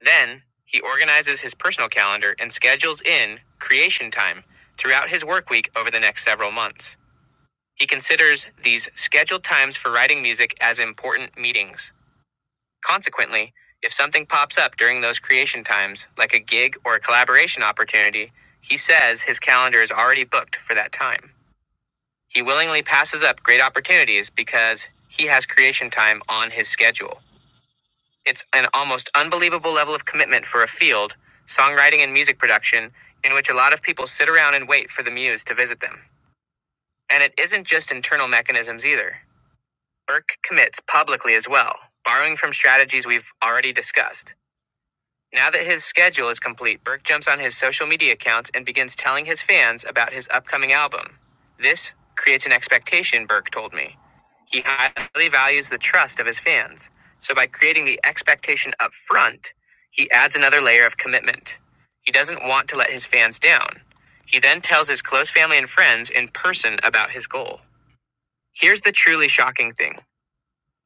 A: Then, he organizes his personal calendar and schedules in creation time throughout his work week over the next several months. He considers these scheduled times for writing music as important meetings. Consequently, if something pops up during those creation times, like a gig or a collaboration opportunity, he says his calendar is already booked for that time. He willingly passes up great opportunities because he has creation time on his schedule. It's an almost unbelievable level of commitment for a field, songwriting and music production, in which a lot of people sit around and wait for the muse to visit them. And it isn't just internal mechanisms either. Burke commits publicly as well, borrowing from strategies we've already discussed. Now that his schedule is complete, Burke jumps on his social media accounts and begins telling his fans about his upcoming album. This creates an expectation, Burke told me. He highly values the trust of his fans. So by creating the expectation up front, he adds another layer of commitment. He doesn't want to let his fans down. He then tells his close family and friends in person about his goal. Here's the truly shocking thing.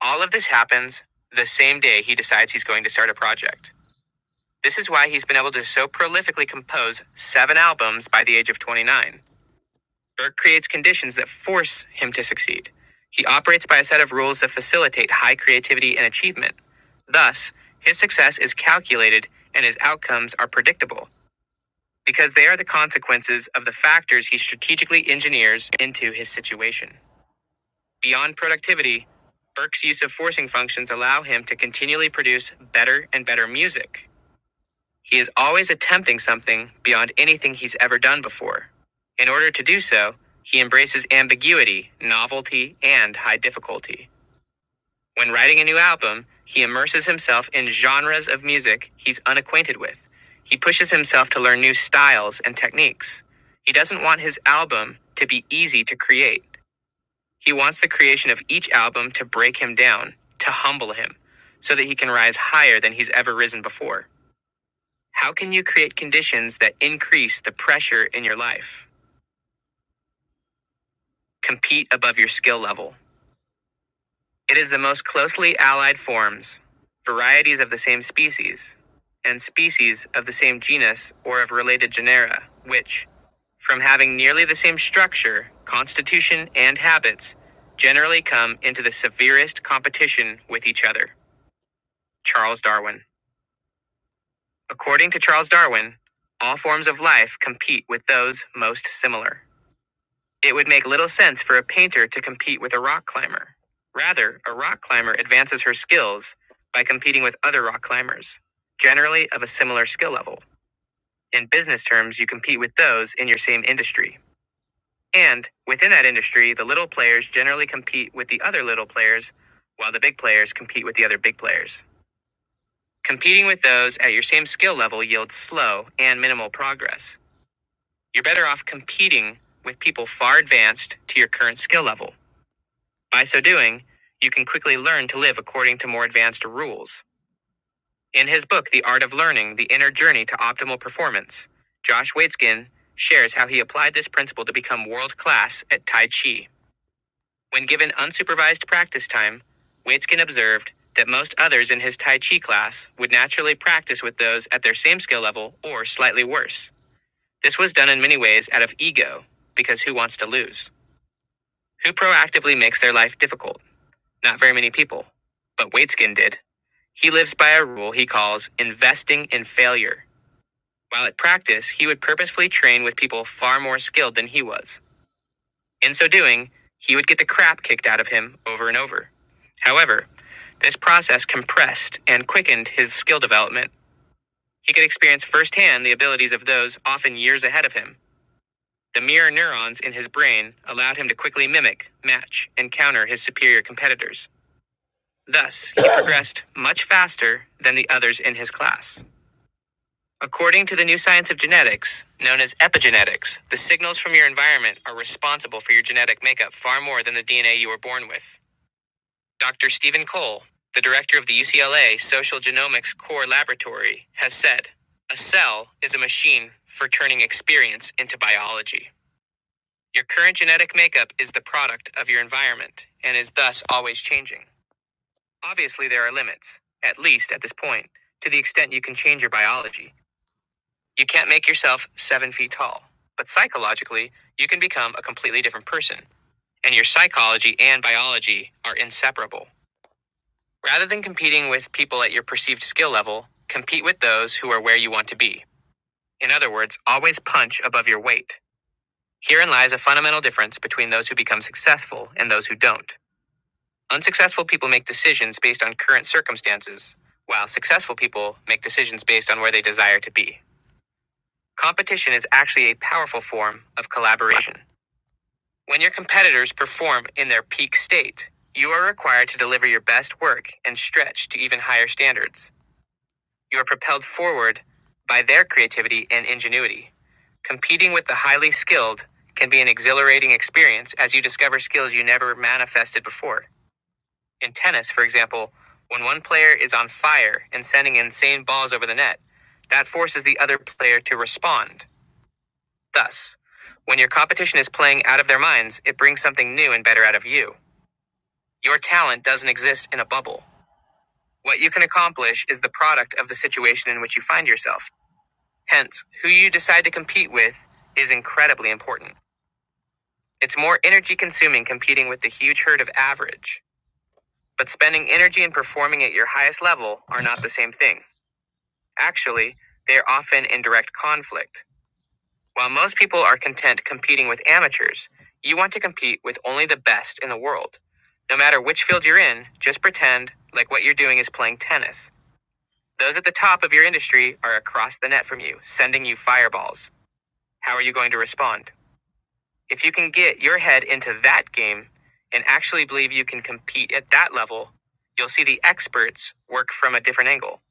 A: All of this happens the same day he decides he's going to start a project. This is why he's been able to so prolifically compose seven albums by the age of 29. Burke creates conditions that force him to succeed. He operates by a set of rules that facilitate high creativity and achievement. Thus, his success is calculated and his outcomes are predictable because they are the consequences of the factors he strategically engineers into his situation. Beyond productivity, Burke's use of forcing functions allow him to continually produce better and better music. He is always attempting something beyond anything he's ever done before. In order to do so, he embraces ambiguity, novelty, and high difficulty. When writing a new album, he immerses himself in genres of music he's unacquainted with. He pushes himself to learn new styles and techniques. He doesn't want his album to be easy to create. He wants the creation of each album to break him down, to humble him, so that he can rise higher than he's ever risen before. How can you create conditions that increase the pressure in your life? Compete above your skill level. It is the most closely allied forms, varieties of the same species, and species of the same genus or of related genera, which, from having nearly the same structure, constitution, and habits, generally come into the severest competition with each other. Charles Darwin. According to Charles Darwin, all forms of life compete with those most similar. It would make little sense for a painter to compete with a rock climber. Rather, a rock climber advances her skills by competing with other rock climbers, generally of a similar skill level. In business terms, you compete with those in your same industry. And within that industry, the little players generally compete with the other little players, while the big players compete with the other big players. Competing with those at your same skill level yields slow and minimal progress. You're better off competing with people far advanced to your current skill level. By so doing, you can quickly learn to live according to more advanced rules. In his book, The Art of Learning The Inner Journey to Optimal Performance, Josh Waitzkin shares how he applied this principle to become world class at Tai Chi. When given unsupervised practice time, Waitzkin observed that most others in his Tai Chi class would naturally practice with those at their same skill level or slightly worse. This was done in many ways out of ego, because who wants to lose? Who proactively makes their life difficult? Not very many people, but Waitskin did. He lives by a rule he calls investing in failure. While at practice, he would purposefully train with people far more skilled than he was. In so doing, he would get the crap kicked out of him over and over. However, this process compressed and quickened his skill development. He could experience firsthand the abilities of those often years ahead of him. The mirror neurons in his brain allowed him to quickly mimic, match, and counter his superior competitors. Thus, he progressed much faster than the others in his class. According to the new science of genetics, known as epigenetics, the signals from your environment are responsible for your genetic makeup far more than the DNA you were born with. Dr. Stephen Cole, the director of the UCLA Social Genomics Core Laboratory, has said A cell is a machine for turning experience into biology. Your current genetic makeup is the product of your environment and is thus always changing. Obviously, there are limits, at least at this point, to the extent you can change your biology. You can't make yourself seven feet tall. But psychologically, you can become a completely different person, and your psychology and biology are inseparable. Rather than competing with people at your perceived skill level, compete with those who are where you want to be. In other words, always punch above your weight. Herein lies a fundamental difference between those who become successful and those who don't. Unsuccessful people make decisions based on current circumstances, while successful people make decisions based on where they desire to be. Competition is actually a powerful form of collaboration. When your competitors perform in their peak state, you are required to deliver your best work and stretch to even higher standards. You are propelled forward by their creativity and ingenuity. Competing with the highly skilled can be an exhilarating experience as you discover skills you never manifested before. In tennis, for example, when one player is on fire and sending insane balls over the net, that forces the other player to respond. Thus, when your competition is playing out of their minds, it brings something new and better out of you. Your talent doesn't exist in a bubble. What you can accomplish is the product of the situation in which you find yourself. Hence, who you decide to compete with is incredibly important. It's more energy consuming competing with the huge herd of average, but spending energy and performing at your highest level are not the same thing. Actually, they are often in direct conflict. While most people are content competing with amateurs, you want to compete with only the best in the world. No matter which field you're in, just pretend like what you're doing is playing tennis. Those at the top of your industry are across the net from you, sending you fireballs. How are you going to respond? If you can get your head into that game and actually believe you can compete at that level, you'll see the experts work from a different angle.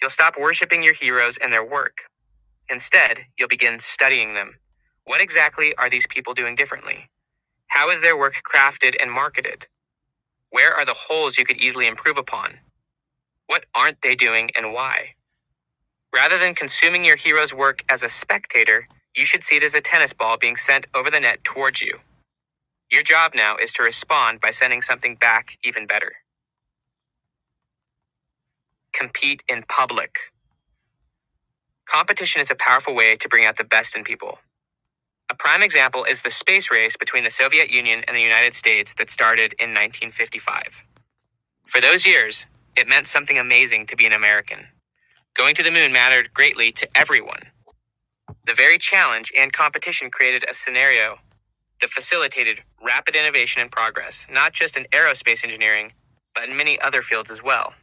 A: You'll stop worshiping your heroes and their work. Instead, you'll begin studying them. What exactly are these people doing differently? How is their work crafted and marketed? Where are the holes you could easily improve upon? What aren't they doing and why? Rather than consuming your hero's work as a spectator, you should see it as a tennis ball being sent over the net towards you. Your job now is to respond by sending something back even better. Compete in public. Competition is a powerful way to bring out the best in people. A prime example is the space race between the Soviet Union and the United States that started in 1955. For those years, it meant something amazing to be an American. Going to the moon mattered greatly to everyone. The very challenge and competition created a scenario that facilitated rapid innovation and progress, not just in aerospace engineering, but in many other fields as well.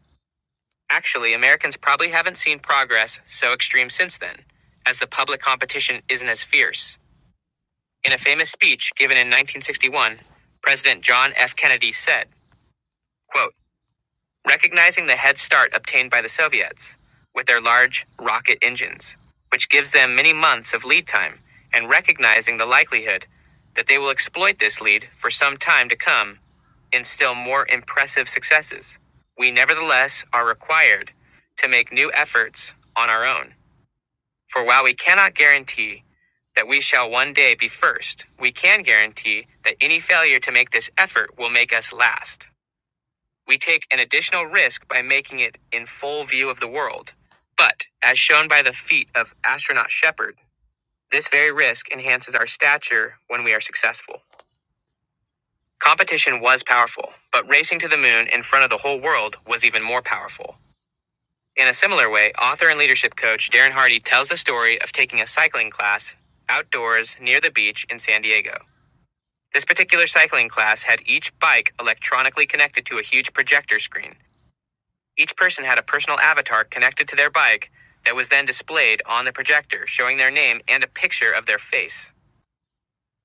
A: Actually, Americans probably haven't seen progress so extreme since then, as the public competition isn't as fierce. In a famous speech given in 1961, President John F. Kennedy said, quote, Recognizing the head start obtained by the Soviets with their large rocket engines, which gives them many months of lead time, and recognizing the likelihood that they will exploit this lead for some time to come in still more impressive successes, we nevertheless are required to make new efforts on our own. For while we cannot guarantee that we shall one day be first, we can guarantee that any failure to make this effort will make us last. We take an additional risk by making it in full view of the world. But, as shown by the feat of astronaut Shepard, this very risk enhances our stature when we are successful. Competition was powerful, but racing to the moon in front of the whole world was even more powerful. In a similar way, author and leadership coach Darren Hardy tells the story of taking a cycling class outdoors near the beach in San Diego. This particular cycling class had each bike electronically connected to a huge projector screen. Each person had a personal avatar connected to their bike that was then displayed on the projector, showing their name and a picture of their face.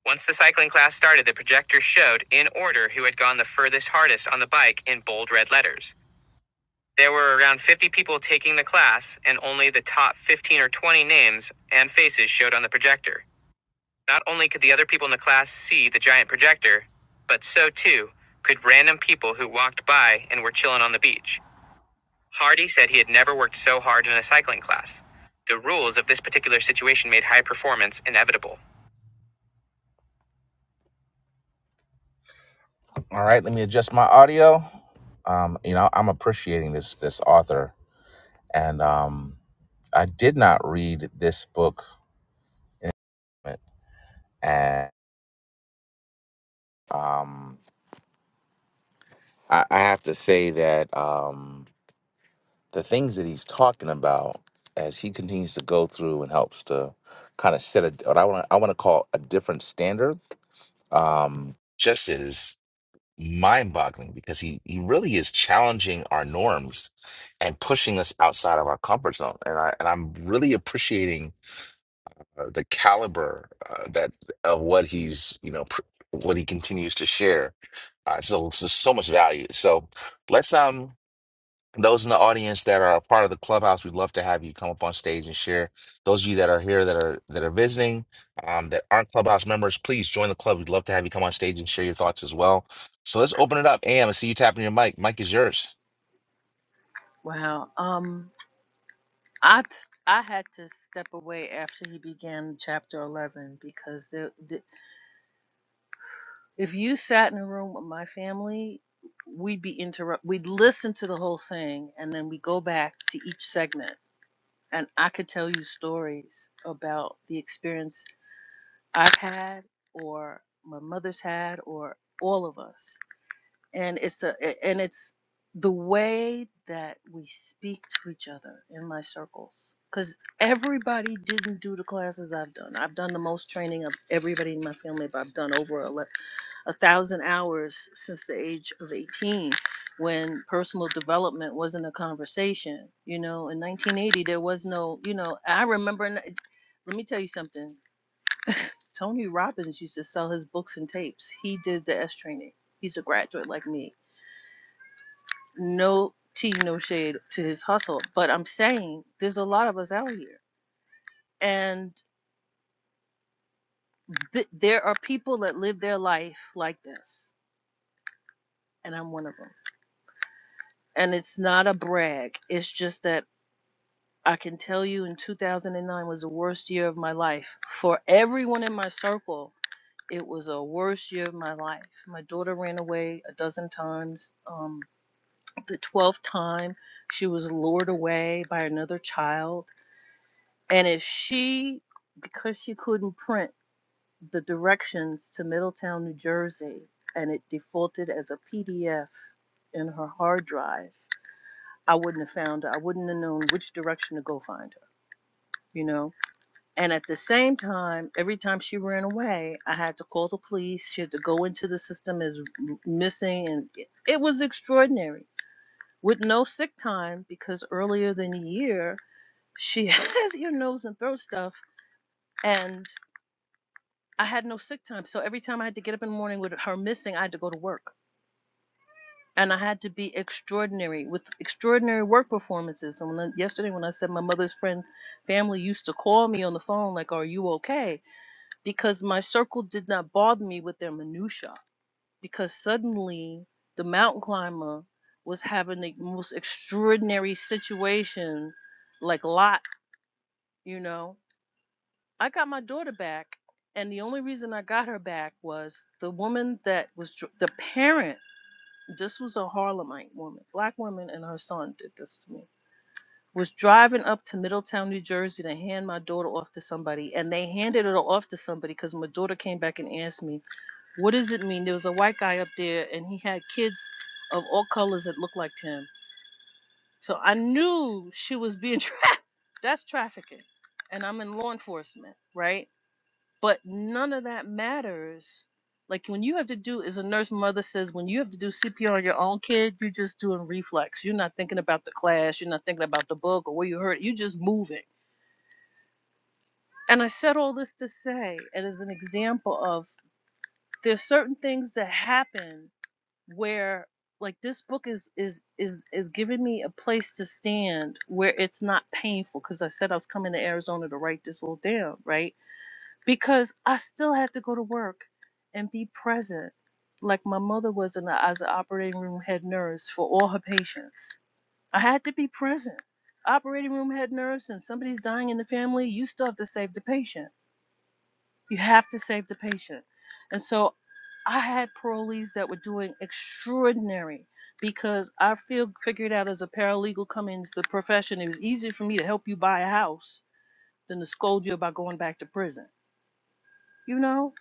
A: Once the cycling class started, the projector showed, in order, who had gone the furthest hardest on the bike in bold red letters. There were around 50 people taking the class, and only the top 15 or 20 names and faces showed on the projector. Not only could the other people in the class see the giant projector, but so too could random people who walked by and were chilling on the beach. Hardy said he had never worked so hard in a cycling class. The rules of this particular situation made high performance inevitable. All right, let me adjust my audio. Um, you know, I'm appreciating this this author, and um, I did not read this book. And um, I, I have to say that um, the things that he's talking about as he continues to go through and helps to kind of set a, what I want I want to call a different standard, um, just is mind-boggling because he he really is challenging our norms and pushing us outside of our comfort zone. And I and I'm really appreciating uh, the caliber uh, that of what he's you know pr- what he continues to share. Uh, so it's just so much value. So let's um those in the audience that are a part of the clubhouse, we'd love to have you come up on stage and share. Those of you that are here that are that are visiting, um, that aren't clubhouse members, please join the club. We'd love to have you come on stage and share your thoughts as well. So let's open it up. Am, I see you tapping your mic. Mic is yours.
G: Wow. Um, I t- I had to step away after he began chapter eleven because the, the if you sat in a room with my family, we'd be interrupt. We'd listen to the whole thing and then we go back to each segment, and I could tell you stories about the experience I've had or my mother's had or all of us. and it's a a- and it's the way that we speak to each other in my circles because everybody didn't do the classes i've done i've done the most training of everybody in my family but i've done over a, le- a thousand hours since the age of 18 when personal development wasn't a conversation you know in 1980 there was no you know i remember in- let me tell you something tony robbins used to sell his books and tapes he did the s training he's a graduate like me no tea, no shade to his hustle, but I'm saying there's a lot of us out here, and th- there are people that live their life like this, and I'm one of them. And it's not a brag. It's just that I can tell you, in 2009 was the worst year of my life for everyone in my circle. It was a worst year of my life. My daughter ran away a dozen times. Um, the twelfth time, she was lured away by another child And if she, because she couldn't print the directions to Middletown, New Jersey, and it defaulted as a PDF in her hard drive, I wouldn't have found her. I wouldn't have known which direction to go find her, you know? And at the same time, every time she ran away, I had to call the police. She had to go into the system as m- missing. And it it was extraordinary with no sick time because earlier than a year, she has ear, nose, and throat stuff. and. I had no sick time. So every time I had to get up in the morning with her missing, I had to go to work. And I had to be extraordinary with extraordinary work performances. And when yesterday, when I said my mother's friend family used to call me on the phone, like, Are you okay? Because my circle did not bother me with their minutiae. Because suddenly the mountain climber was having the most extraordinary situation, like Lot, you know, I got my daughter back, and the only reason I got her back was the woman that was dr- the parent. This was a Harlemite woman, black woman, and her son did this to me. Was driving up to Middletown, New Jersey, to hand my daughter off to somebody, and they handed her off to somebody because my daughter came back and asked me, "What does it mean?" There was a white guy up there, and he had kids of all colors that looked like him. So I knew she was being tracked. That's trafficking, and I'm in law enforcement, right? but none of that matters. Like when you have to do, as a nurse mother says, when you have to do CPR on your own kid, you're just doing reflex. You're not thinking about the class. You're not thinking about the book or where you hurt. You're just moving. And I said all this to say, and as an example of there's certain things that happen where like this book is is is is giving me a place to stand where it's not painful because i said i was coming to arizona to write this all down right because I still had to go to work and be present, like my mother was in the, as an operating room head nurse for all her patients. I had to be present. Operating room head nurse, and somebody's dying in the family, you still have to save the patient. You have to save the patient. And so I had parolees that were doing extraordinary because I feel figured out as a paralegal coming into the profession, it was easier for me to help you buy a house than to scold you about going back to prison you know?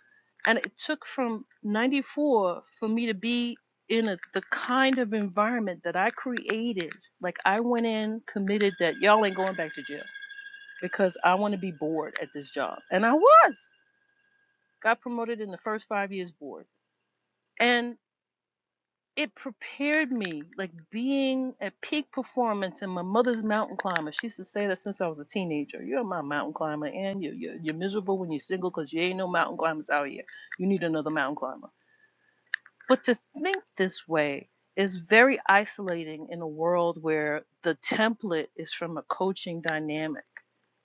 G: And it took from 94 for me to be in a, the kind of environment that I created. Like I went in committed that y'all ain't going back to jail because I want to be bored at this job. And I was. Got promoted in the first 5 years board. And it prepared me like being at peak performance and my mother's mountain climber. She used to say that since I was a teenager. You're my mountain climber, and you, you, you're miserable when you're single because you ain't no mountain climbers out here. You need another mountain climber But to think this way is very isolating in a world where the template is from a coaching dynamic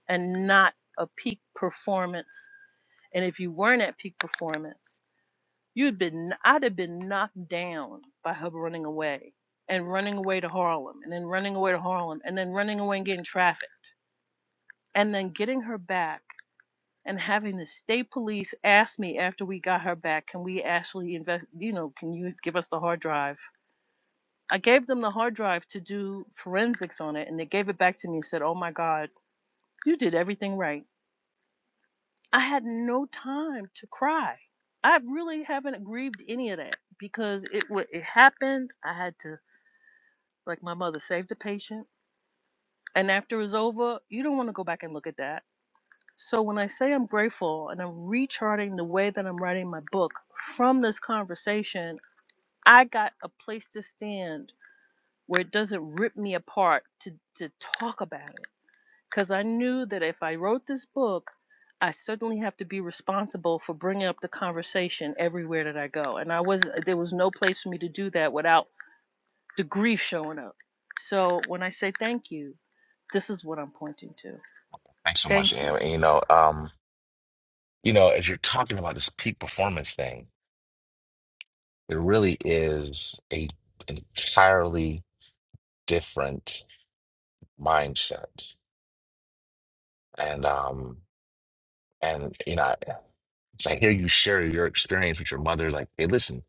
G: and not a peak performance. And if you weren't at peak performance, you'd been I'd have been knocked down by her running away and running away to Harlem and then running away to Harlem and then running away and getting trafficked and then getting her back and having the state police ask me after we got her back, can we actually invest you know, can you give us the hard drive? I gave them the hard drive to do forensics on it, and they gave it back to me and said, Oh my God, you did everything right. I had no time to cry. I really haven't grieved any of that because it it happened. I had to, like my mother, save the patient. And after it's over, you don't want to go back and look at that. So when I say I'm grateful and I'm recharting the way that I'm writing my book from this conversation, I got a place to stand where it doesn't rip me apart to, to talk about it because I knew that if I wrote this book, I certainly have to be responsible for bringing up the conversation everywhere that I go. And I was there was no place for me to do that without the grief showing up. So when I say thank you, this is what I'm pointing to.
A: Thanks so much,
G: Thank you
A: Am. And, you know, um, you know, as you're talking about this peak performance thing It really is a entirely different mindset. And um and you know, it's I hear you share your experience with your mother, like, hey, listen,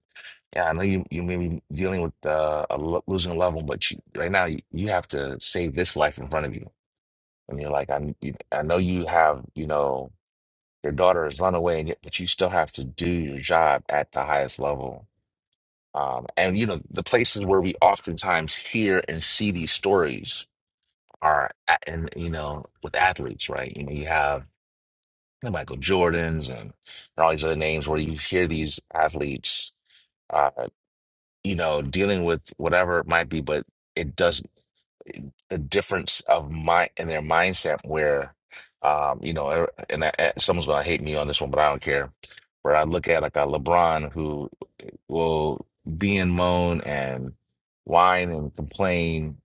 A: yeah, I know you you may be dealing with uh, a lo- losing a loved one, but you, right now you, you have to save this life in front of you. And you're like, I you, I know you have, you know, your daughter has run away, and yet, but you still have to do your job at the highest level. Um, and you know, the places where we oftentimes hear and see these stories are a- and you know with athletes, right? You know, you have the Michael Jordans and, and all these other names where you hear these athletes, uh, you know, dealing with whatever it might be, but it does the difference of mind in their mindset where, um, you know, er, and I, and someone's gonna hate me on this one, but I don't care. Where I look at like a LeBron who eh, will be in moan and whine and complain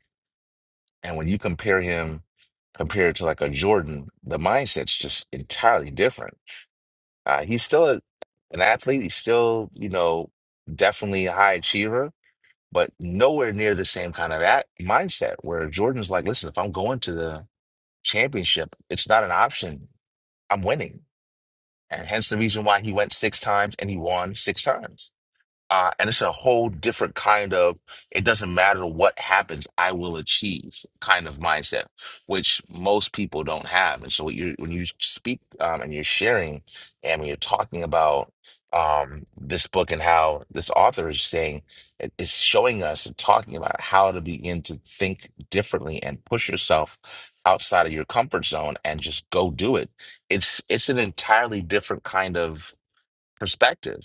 A: and when you compare him compared to like a Jordan, the mindset's just entirely different. Uh, he's still a, an athlete. He's still, you know, definitely a high achiever, but nowhere near the same kind of at mindset where Jordan's like, listen, if I'm going to the championship, it's not an option. I'm winning. And hence the reason why he went six times and he won six times uh, and it's a whole different kind of it doesn't matter what happens, I will achieve kind of mindset, which most people don't have. And so when you when you speak um, and you're sharing and when you're talking about um, this book and how this author is saying it- it's showing us and talking about how to begin to think differently and push yourself outside of your comfort zone and just go do it. It's it's an entirely different kind of perspective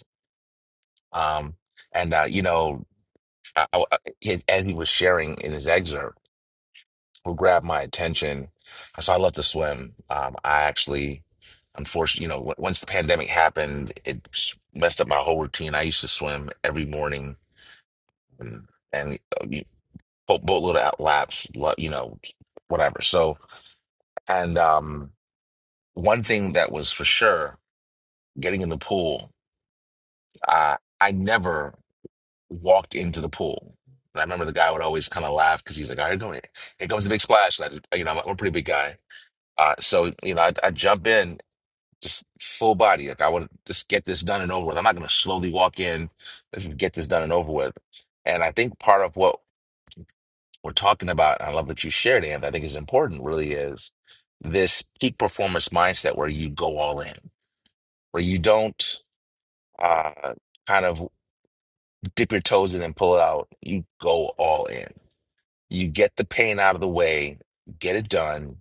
A: um, and uh, you know, I, I, his, as he was sharing in his excerpt, what grabbed my attention. So I love to swim. Um, I actually, unfortunately, you know, w once the pandemic happened, it s- messed up my whole routine. I used to swim every morning and and uh, you- boat boatload of out laps, lo- you know, whatever. So, and um, one thing that was for sure, getting in the pool. I I never. walked into the pool. And I remember the guy would always kind of laugh because he's like, "All right, going here comes the big splash." Like, you know, I'm, I'm a pretty big guy, uh, so you know, I, I jump in just full body, like I want to just get this done and over with. I'm not going to slowly walk in. Let's get this done and over with. And I think part of what we're talking about, and I love that you shared, and I think is important, really is this peak performance mindset where you go all in, where you don't uh, kind of dip your toes in and pull it out. You go all in you get the pain out of the way, get it done,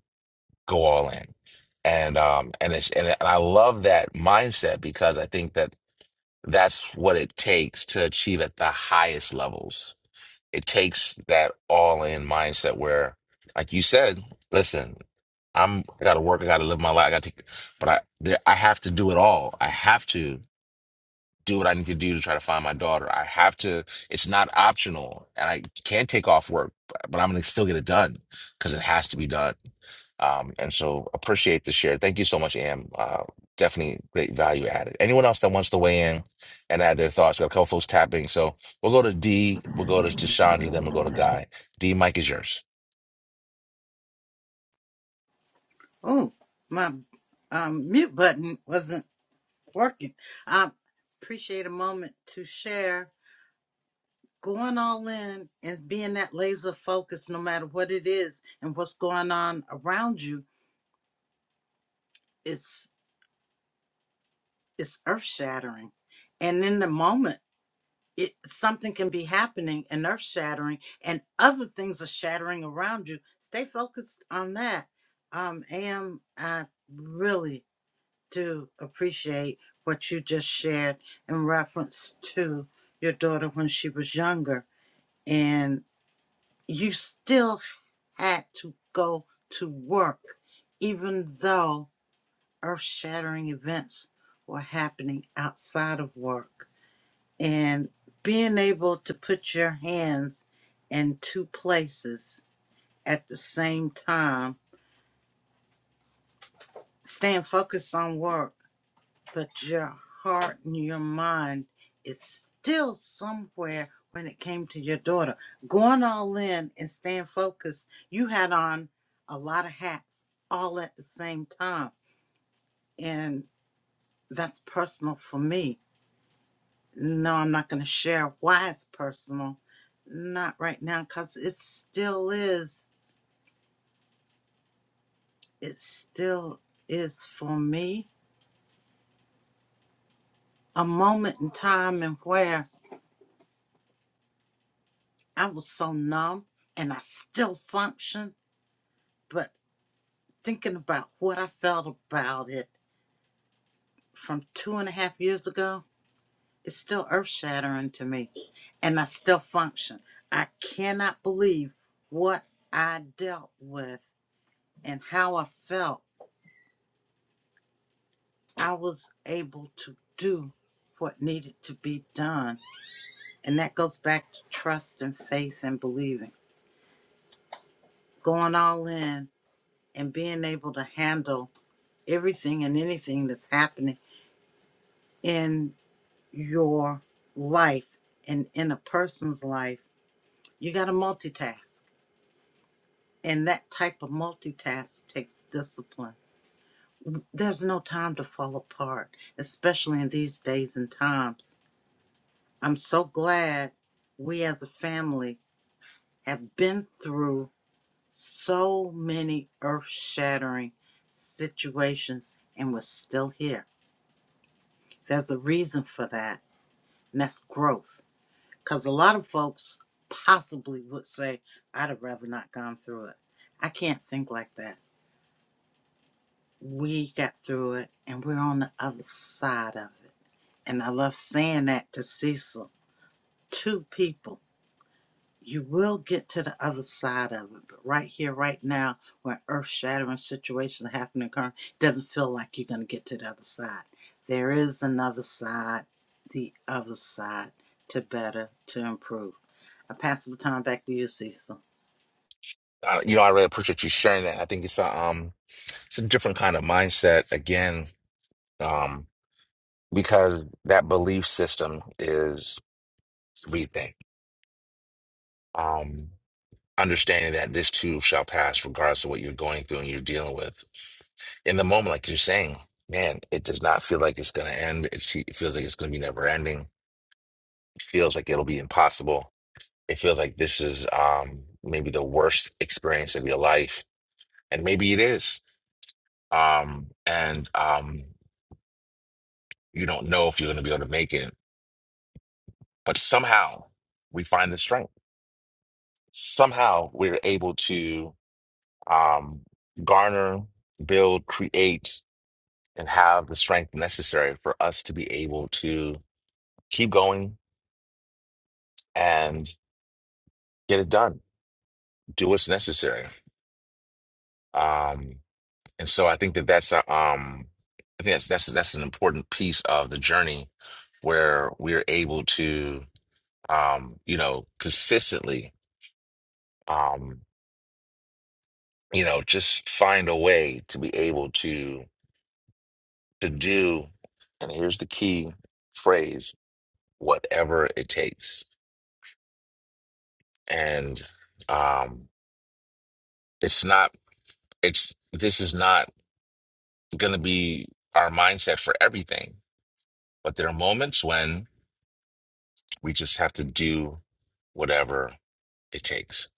A: go all in. And um and it's and I love that mindset because I think that that's what it takes to achieve at the highest levels. It takes that all in mindset where, like you said, listen, I'm I gotta work, I gotta live my life, I gotta take but I there, I have to do it all. I have to do what I need to do to try to find my daughter. I have to, it's not optional. And I can take off work, but but I'm going to still get it done because it has to be done. Um, and so appreciate the share. Thank you so much, Am. Uh, definitely great value added. Anyone else that wants to weigh in and add their thoughts? We have a couple folks tapping. So we'll go to D, we'll go to to Chandra, then we'll go to Guy. D, Mike is yours.
B: Oh, my um, mute button wasn't working. I appreciate a moment to share going all in and being that laser focus no matter what it is and what's going on around you it's it's earth shattering and in the moment it something can be happening and earth shattering and other things are shattering around you stay focused on that um am i really do appreciate what you just shared in reference to your daughter when she was younger and. you still had to go to work, even though earth shattering events were happening outside of work. And being able to put your hands in two places at the same time, staying focused on work but your heart and your mind is still somewhere when it came to your daughter. Going all in and staying focused, you had on a lot of hats all at the same time. And that's personal for me. No, I'm not going to share why it's personal. Not right now, because it still is. It still is for me a moment in time and where I was so numb and I still function but thinking about what I felt about it from two and a half years ago, it's still earth shattering to me. And I still function. I cannot believe what I dealt with and how I felt. I was able to do what needed to be done. And that goes back to trust and faith and believing, going all in and being able to handle everything and anything that's happening in. your life and in a person's life, you got to multitask. And that type of multitask takes discipline. There's no time to fall apart, especially in these days and times. I'm so glad we as a family have been through so many earth shattering situations and we're still here. There's a reason for that, and that's growth. Because a lot of folks possibly would say, I'd have rather not gone through it. I can't think like that. We got through it and we're on the other side of it. And I love saying that to Cecil. Two people. you will get to the other side of it. But right here, right now, when earth shattering situations are happening, current, it doesn't feel like you're going to get to the other side. There is another side, the other side, to better, to improve. I pass the baton back to you, Cecil.
A: Uh, you know, I really appreciate you sharing that. I think it's a, um, it's a different kind of mindset. Again, um, because that belief system is everything. Um, understanding that this too shall pass, regardless of what you're going through and you're dealing with. In the moment, like you're saying, man, it does not feel like it's going to end. It, se- it feels like it's going to be never ending. It feels like it'll be impossible. It feels like this is um, maybe the worst experience of your life, and maybe it is. Um, and um, you don't know if you're going to be able to make it, but somehow we find the strength somehow we're able to um, garner, build, create, and have the strength necessary for us to be able to keep going and get it done, do what's necessary. Um, and so I think that that's a, um, I think that's that's that's an important piece of the journey where we're able to, um, you know, consistently, um, you know, just find a way to be able to to do. And here's the key phrase whatever it takes. And um, it's not, it's, this is not going to be our mindset for everything, but there are moments when we just have to do whatever it takes.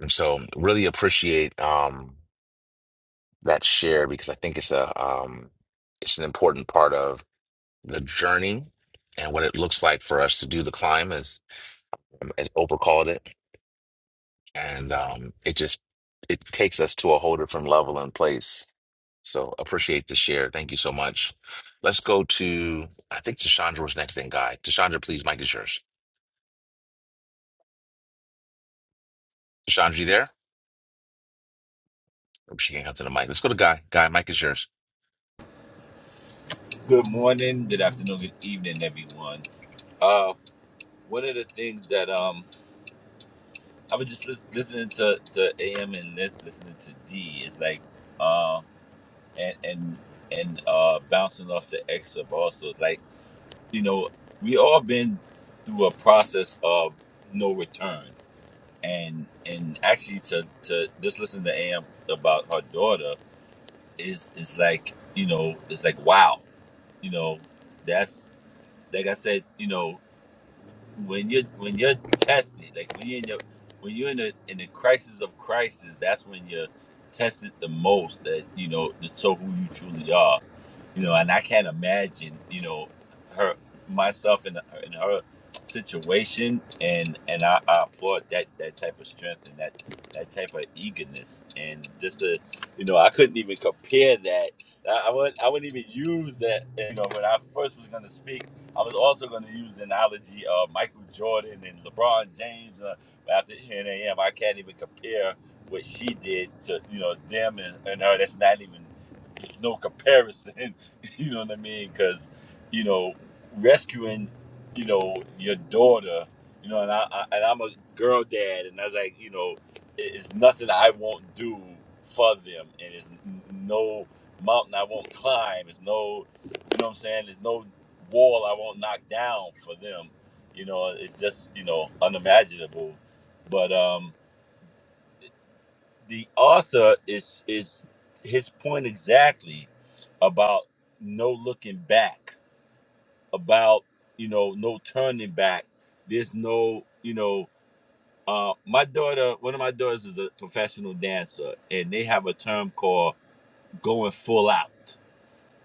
A: And so um, really appreciate um, that share because I think it's a, um, it's an important part of the journey and what it looks like for us to do the climb as, um, as Oprah called it. And um, it just, it takes us to a whole different level and place So appreciate the share. Thank you so much. Let's go to, I think Tashandra was next in Guy. Tashandra, please, Mike is yours. Tashandra, you there? Hope she can't come to the mic. Let's go to Guy. Guy, Mike is yours.
K: Good morning, good afternoon, good evening, everyone. Uh, one of the things that um, I was just lis- listening to, to AM and li- listening to D is like, uh, and and and uh, bouncing off the X of also is like, you know, we all been through a process of no return, and and actually to to just listen to AM about her daughter is is like, you know, it's like wow, you know, that's like I said, you know. when you when you're tested, like when you're in your when you're in the in the crisis of crisis, that's when you're tested the most. That you know to show who you truly are. You know, and I can't imagine you know her myself in in her situation, and and I, I applaud that that type of strength and that that type of eagerness, and just to you know I couldn't even compare that. I, I wouldn't I wouldn't even use that. You know, when I first was gonna speak. I was also going to use the analogy of Michael Jordan and LeBron James. Uh, but after 10 a.m., I can't even compare what she did to you know them and, and her. That's not even there's no comparison. you know what I mean? Because you know rescuing you know your daughter. You know, and I, I and I'm a girl dad, and I was like, you know, it- it's nothing I won't do for them, and it's no mountain I won't climb. It's no, you know what I'm saying? There's no wall I won't knock down for them. You know, it's just you know unimaginable. But um, the author is is his point exactly about no looking back, about you know no turning back. There's no you know. Uh, my daughter, one of my daughters is a professional dancer, and they have a term called going full out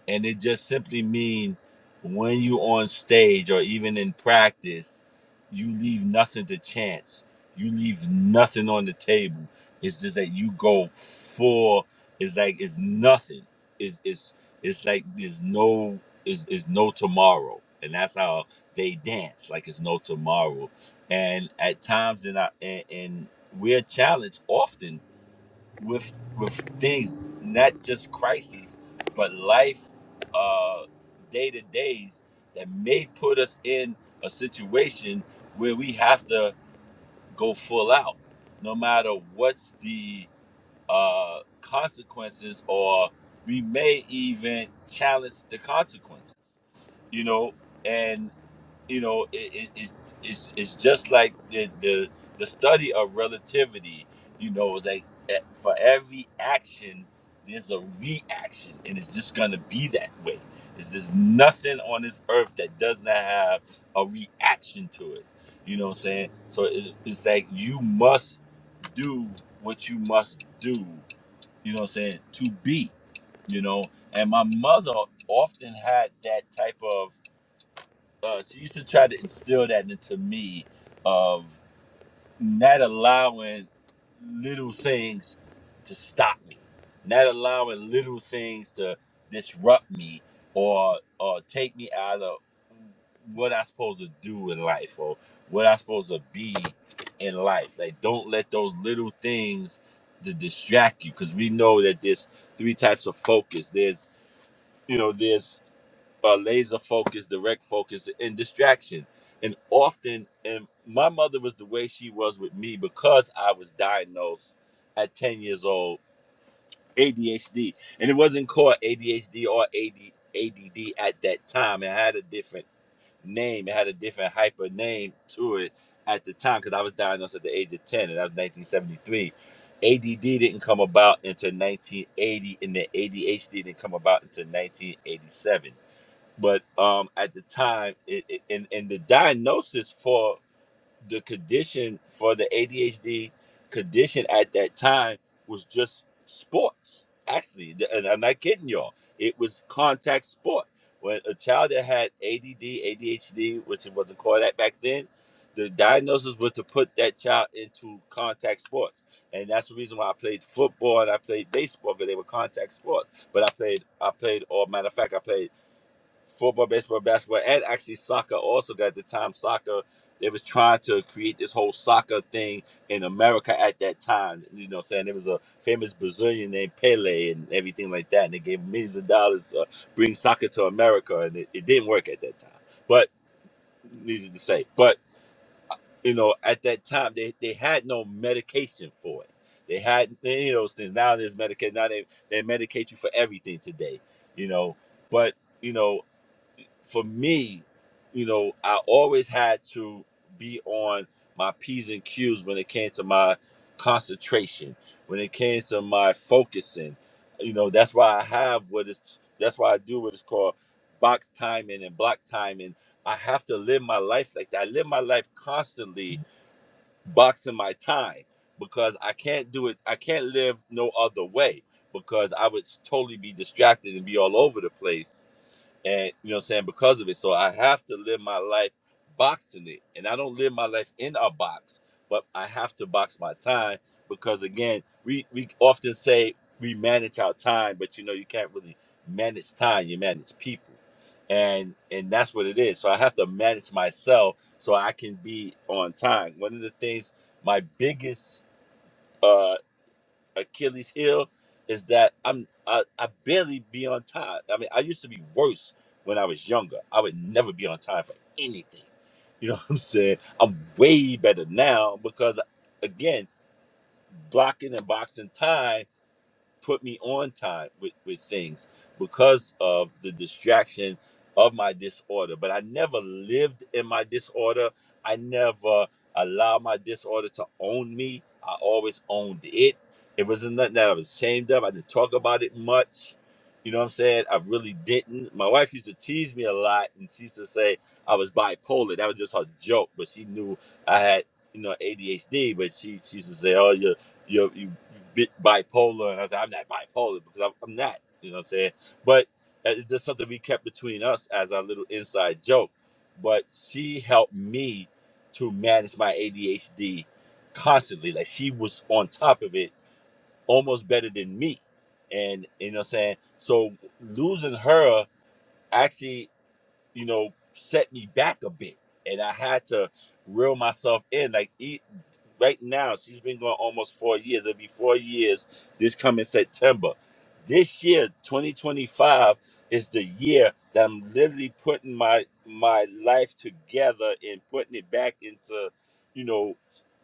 K: and it just simply means when you on stage or even in practice you leave nothing to chance you leave nothing on the table it's just that you go full it's like it's nothing it's it's it's like there's no is is no tomorrow and that's how they dance like it's no tomorrow and at times in our and, and we're challenged often with with things, not just crises, but life, uh, day to days that may put us in a situation where we have to go full out, no matter what's the uh, consequences, or we may even challenge the consequences, you know. and you know it, it, it's, it's it's just like the, the the study of relativity you know like eh, for every action there's a reaction and it's just gonna be that way it's there's nothing on this earth that does not have a reaction to it you know what i'm saying so it, it's like you must do what you must do you know what i'm saying to be you know and my mother often had that type of uh, she used to try to instill that into me of not allowing little things to stop me, not allowing little things to disrupt me or or take me out of what I'm supposed to do in life or what I'm supposed to be in life. Like, don't let those little things to distract you because we know that there's three types of focus. There's you know there's uh, laser focus, direct focus, and distraction. And often, and my mother was the way she was with me because I was diagnosed at 10 years old ADHD. And it wasn't called ADHD or AD, ADD at that time. It had a different name, it had a different hyper name to it at the time because I was diagnosed at the age of 10, and that was 1973. ADD didn't come about until 1980, and then ADHD didn't come about until 1987 but um, at the time, it, it, and and the diagnosis for the condition for the ADHD condition at that time was just sports. Actually, th- and I'm not kidding y'all. It was contact sport. When a child that had ADD, ADHD, which it wasn't called that back then, the diagnosis was to put that child into contact sports, and that's the reason why I played football and I played baseball because they were contact sports. But I played, I played, or matter of fact, I played football, baseball, basketball, and actually soccer. Also, at the time, soccer they was trying to create this whole soccer thing in America at that time. You know, what I'm saying there was a famous Brazilian named Pele and everything like that, and they gave millions of dollars to bring soccer to America, and it, it didn't work at that time. But needless to say, but you know, at that time they, they had no medication for it. They had any of those things. Now there's medication. Now they, they medicate you for everything today. You know, but you know for me, you know, I always had to be on my P's and Q's when it came to my concentration, when it came to my focusing. You know, that's why I have what is that's why I do what is called box timing and block timing. I have to live my life like that. I live my life constantly boxing my time because I can't do it. I can't live no other way because I would totally be distracted and be all over the place and you know what I'm saying because of it. So I have to live my life boxing it, and I don't live my life in a box, but I have to box my time because again, we we often say we manage our time, but you know you can't really manage time. You manage people, and and that's what it is. So I have to manage myself so I can be on time. One of the things my biggest uh Achilles heel is that I'm I, I barely be on time. I mean, I used to be worse when I was younger. I would never be on time for anything. You know what I'm saying? I'm way better now because again, blocking and boxing time put me on time with, with things because of the distraction of my disorder. But I never lived in my disorder. I never allowed my disorder to own me. I always owned it. It wasn't nothing that I was ashamed of. I didn't talk about it much. You know what I'm saying? I really didn't. My wife used to tease me a lot and she used to say I was bipolar. That was just her joke, but she knew I had, you know, ADHD, but she, she used to say, Oh, you." you you bit bipolar and I said I'm not bipolar because I'm, I'm not, you know what I'm saying? But uh, it's just something we kept between us as our little inside joke. But she helped me to manage my ADHD constantly. Like she was on top of it almost better than me. And you know what I'm saying? So losing her actually you know, set me back a bit. And I had to reel myself in. Like, e right now, she's been going almost four years. It'll be four years this coming September. This year, 2025, is the year that I'm literally putting my my life together and putting it back into, you know,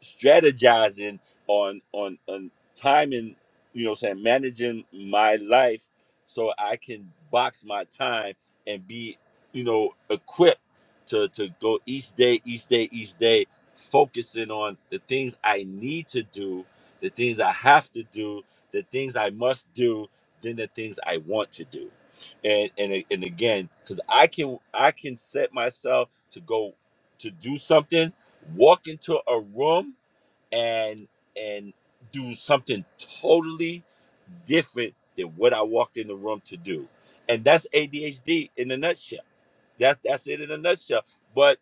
K: strategizing on on on timing, you know, what I'm saying managing my life so I can box my time and be you know, equipped to to go each day, each day, each day, focusing on the things I need to do, the things I have to do, the things I must do, then the things I want to do. And and a- and again, because I can I can set myself to go to do something, walk into a room and and do something totally different than what I walked in the room to do. And that's ADHD in a nutshell that's that's it in a nutshell. But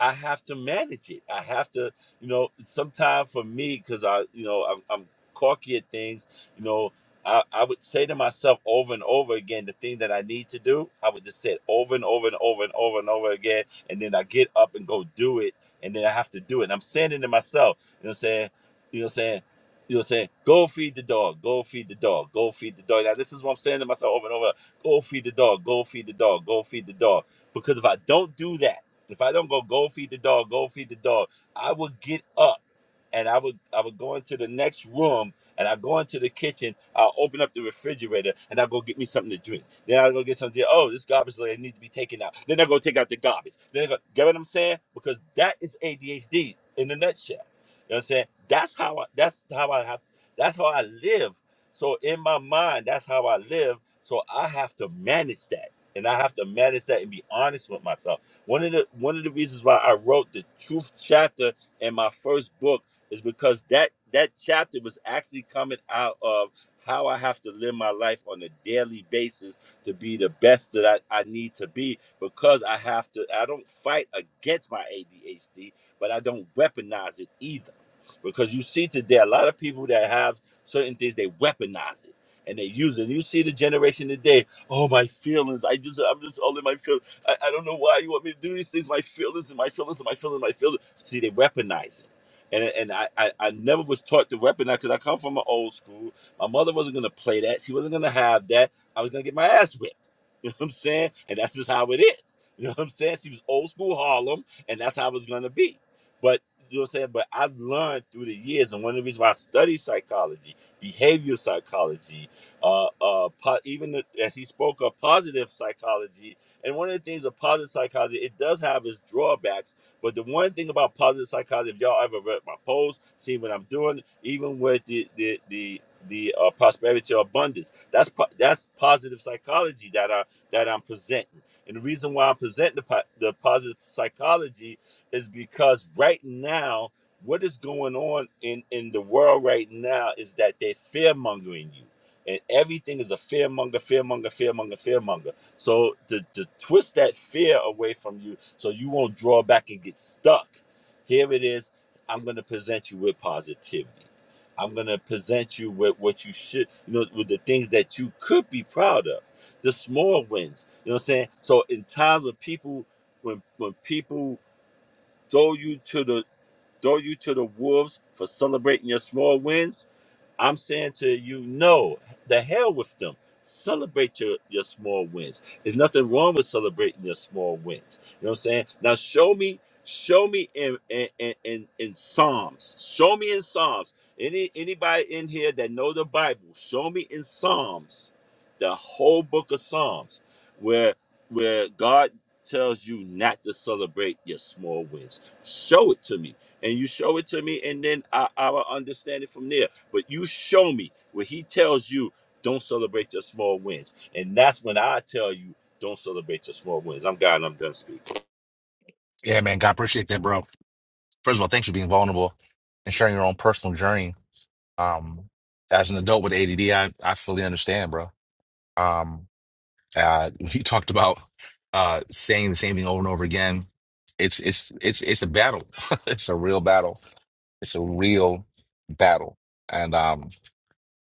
K: I have to manage it. I have to, you know, sometimes for me, because I, you know, I'm, I'm corky at things. You know, I, I would say to myself over and over again the thing that I need to do. I would just say it over and over and over and over and over again, and then I get up and go do it, and then I have to do it. And I'm saying it to myself. You know, what I'm saying, you know, what I'm saying. You know, what I'm saying, go feed the dog, go feed the dog, go feed the dog. Now, this is what I'm saying to myself over and over go feed the dog, go feed the dog, go feed the dog because if I don't do that, if I don't go, go feed the dog, go feed the dog, I will get up and I would I would go into the next room and I go into the kitchen. I'll open up the refrigerator and I'll go get me something to drink. Then I'll go get something. Oh, this garbage lady needs to be taken out. Then I go take out the garbage. Then I go, get what I'm saying? Because that is ADHD in a nutshell. You know what I'm saying? That's how I that's how I have that's how I live. So in my mind, that's how I live. So I have to manage that. And I have to manage that and be honest with myself. One of the one of the reasons why I wrote the truth chapter in my first book is because that that chapter was actually coming out of how I have to live my life on a daily basis to be the best that I, I need to be because I have to I don't fight against my ADHD, but I don't weaponize it either. Because you see today a lot of people that have certain things they weaponize it and they use it. And you see the generation today, oh my feelings. I just I'm just all in my feelings. I, I don't know why you want me to do these things, my feelings and my feelings and my feelings, my feelings. See, they weaponize it and and I, I, I never was taught to weaponize because I come from an old school. My mother wasn't gonna play that. She wasn't gonna have that. I was gonna get my ass whipped. You know what I'm saying? And that's just how it is. You know what I'm saying? She was old school Harlem, and that's how it was gonna be. But you know what I'm saying? But I learned through the years, and one of the reasons why I study psychology, behavioral psychology, uh, uh, po- even the, as he spoke of positive psychology, and one of the things of positive psychology, it does have its drawbacks but the one thing about positive psychology, if y'all ever read my posts, see what I'm doing, even with the the the the uh, prosperity or abundance, that's po- that's positive psychology that I that I'm presenting. And the reason why I'm presenting the, po- the positive psychology is because right now, what is going on in in the world right now is that they're fear mongering you, and everything is a fearmonger, fearmonger, fearmonger, fearmonger. So to, to twist that fear away from you so you won't draw back and get stuck. Here it is. I'm going to present you with positivity. I'm going to present you with what you should, you know, with the things that you could be proud of, the small wins. You know what I'm saying? So in times when people, when when people throw you to the throw you to the wolves for celebrating your small wins, I'm saying to you, no, the hell with them. Celebrate your, your small wins. There's nothing wrong with celebrating your small wins. You know what I'm saying? Now show me, show me in in in, in, in Psalms. Show me in Psalms. Any anybody in here that know the Bible, show me in Psalms, the whole book of Psalms, where where God tells you not to celebrate your small wins. Show it to me. And you show it to me, and then I, I will understand it from there but you show me where he tells you, don't celebrate your small wins. And that's when I tell you, don't celebrate your small wins. I'm God and I'm done speaking.
A: Yeah, man. God, appreciate that, bro. First of all, thanks for being vulnerable and sharing your own personal journey. Um, as an adult with ADD, I, I fully understand, bro. Um, uh, you talked about uh saying the same thing over and over again. It's it's it's it's a battle. it's a real battle. It's a real battle. And um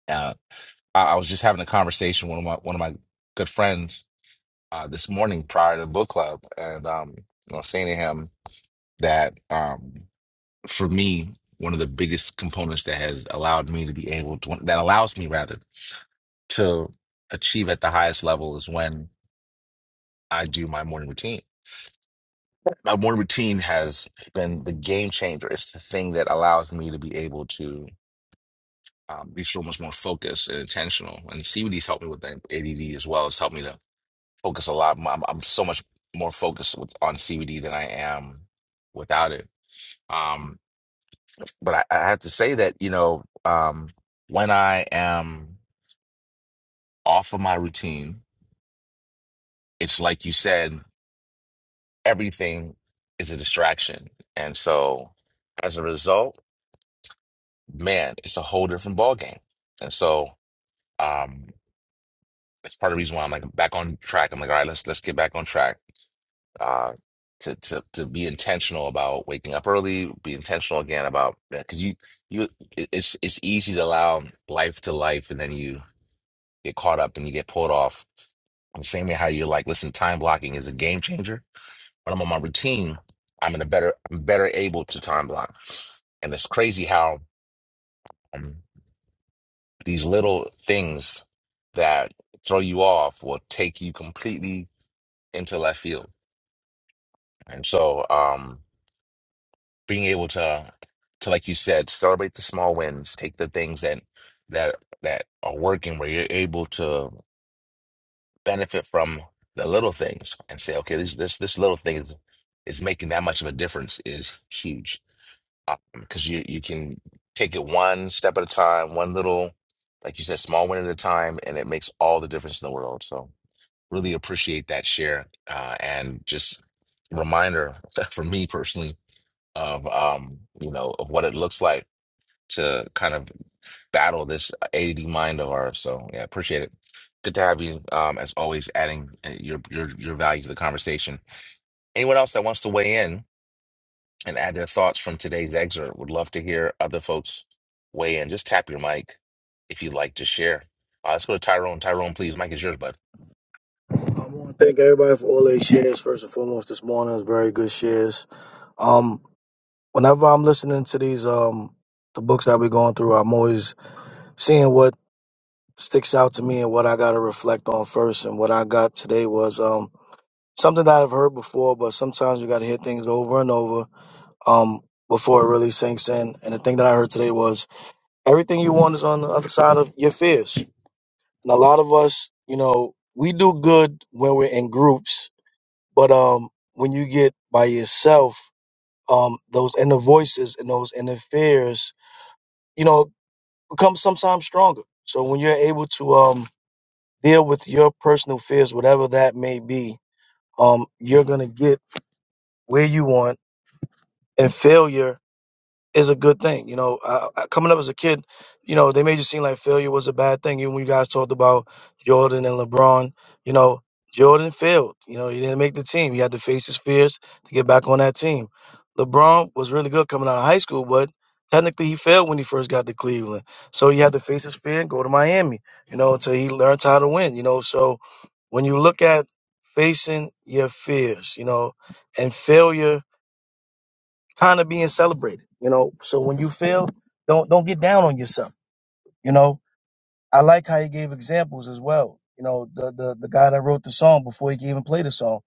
A: Uh, I, I was just having a conversation with one of my one of my good friends uh, this morning prior to the book club, and um, I was saying to him that um, for me, one of the biggest components that has allowed me to be able to that allows me rather to achieve at the highest level is when I do my morning routine. My morning routine has been the game changer. It's the thing that allows me to be able to um, be so much more focused and intentional. And CBD's helped me with that ADD as well. It's helped me to focus a lot. I'm, I'm so much more focused with, on CBD than I am without it. Um, but I, I have to say that, you know, um, when I am off of my routine, it's like you said, everything is a distraction. And so as a result, man, it's a whole different ballgame. And so, um, it's part of the reason why I'm like back on track. I'm like, all right, let's let's get back on track uh, to to to be intentional about waking up early, be intentional again about because you you it- it's it's easy to allow life to life, and then you get caught up and you get pulled off. The same way how you're like, listen, time blocking is a game changer. When I'm on my routine, I'm in a better I'm better able to time block, and it's crazy how um, these little things that throw you off will take you completely into left field. And so, um, being able to to like you said celebrate the small wins take the things that that that are working where you're able to benefit from the little things and say okay this this this little thing is, is making that much of a difference is huge because you you can take it one step at a time one little like you said small win at a time and it makes all the difference in the world so really appreciate that share uh, and just reminder for me personally of um, you know, of what it looks like to kind of battle this AD mind of ours. So yeah, appreciate it. Good to have you. Um, as always, adding uh, your your your value to the conversation. Anyone else that wants to weigh in and add their thoughts from today's excerpt, would love to hear other folks weigh in. Just tap your mic if you'd like to share. Uh, let's go to Tyrone. Tyrone, please, mic is yours, bud.
L: I want to thank everybody for all their shares. First and foremost, this morning was very good shares. Um, whenever I'm listening to these um the books that we're going through, I'm always seeing what sticks out to me and what I got to reflect on first. And what I got today was um something that I've heard before, but sometimes you got to hear things over and over um before it really sinks in. And the thing that I heard today was everything you want is on the other side of your fears. And a lot of us, you know, we do good when we're in groups But um, when you get by yourself, um, those inner voices and those inner fears, you know, become sometimes stronger. So when you're able to um, deal with your personal fears, whatever that may be, um, you're gonna get where you want. And failure is a good thing. You know, uh, uh, coming up as a kid, you know, they made you seem like failure was a bad thing. Even when you guys talked about Jordan and LeBron, you know, Jordan failed. You know, he didn't make the team. He had to face his fears to get back on that team. LeBron was really good coming out of high school, but technically he failed when he first got to Cleveland. So he had to face his fear and go to Miami, you know, until he learned how to win, you know. So when you look at facing your fears, you know, and failure kind of being celebrated, you know. So when you fail, don't don't get down on yourself, you know. I like how he gave examples as well. You know, the the, the guy that wrote the song before he even played the song.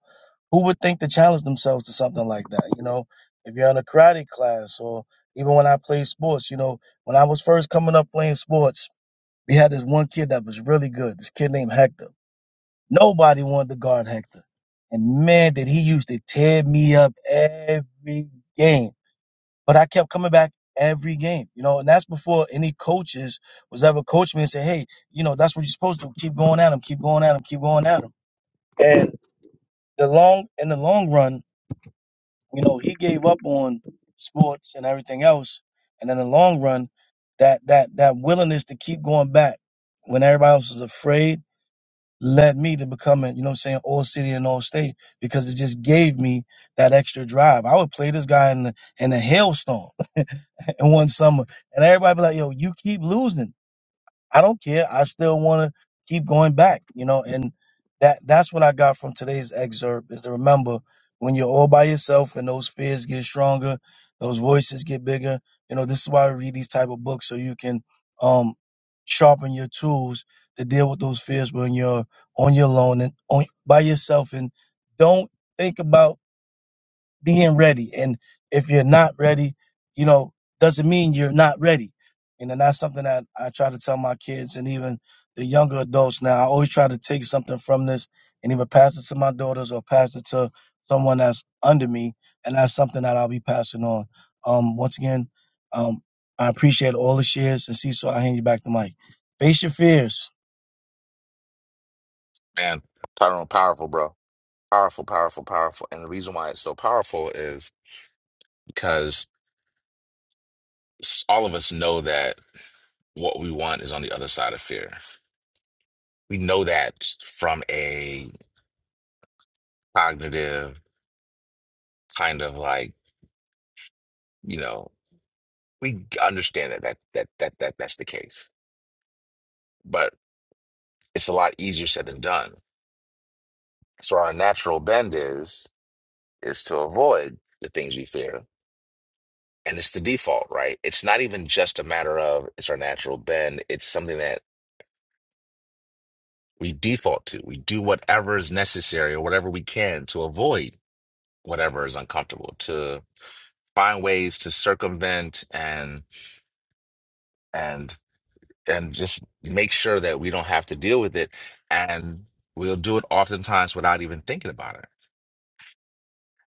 L: Who would think to challenge themselves to something like that? You know, if you're in a karate class or even when I played sports, you know, when I was first coming up playing sports, we had this one kid that was really good, this kid named Hector. Nobody wanted to guard Hector. And man, did he used to tear me up every game but I kept coming back every game, you know, and that's before any coaches was ever coaching me and say, hey, you know, that's what you're supposed to do. keep going at him, keep going at him, keep going at him. And the long in the long run, you know, he gave up on sports and everything else. And in the long run, that that that willingness to keep going back when everybody else was afraid led me to becoming, you know what I'm saying, all city and all state because it just gave me that extra drive. I would play this guy in the in a hailstorm and one summer. And everybody be like, yo, you keep losing. I don't care. I still want to keep going back, you know. And that that's what I got from today's excerpt is to remember when you're all by yourself and those fears get stronger, those voices get bigger. You know, this is why I read these type of books so you can um sharpen your tools to deal with those fears when you're on your own and on by yourself and don't think about being ready. And if you're not ready, you know, doesn't mean you're not ready. And then that's something that I try to tell my kids and even the younger adults now. I always try to take something from this and either pass it to my daughters or pass it to someone that's under me. And that's something that I'll be passing on. Um, once again, um, I appreciate all the shares and see so I hand you back the mic. Face your fears.
A: Man, Tyrone, powerful, bro. Powerful, powerful, powerful. And the reason why it's so powerful is because s- all of us know that. What we want is on the other side of fear. We know that from a cognitive kind of like, you know, we understand that that that that, that that's the case. But it's a lot easier said than done. So our natural bend is is to avoid the things we fear. And it's the default, right? It's not even just a matter of it's our natural bend. It's something that we default to. We do whatever is necessary or whatever we can to avoid whatever is uncomfortable to find ways to circumvent and and and just make sure that we don't have to deal with it and we'll do it oftentimes without even thinking about it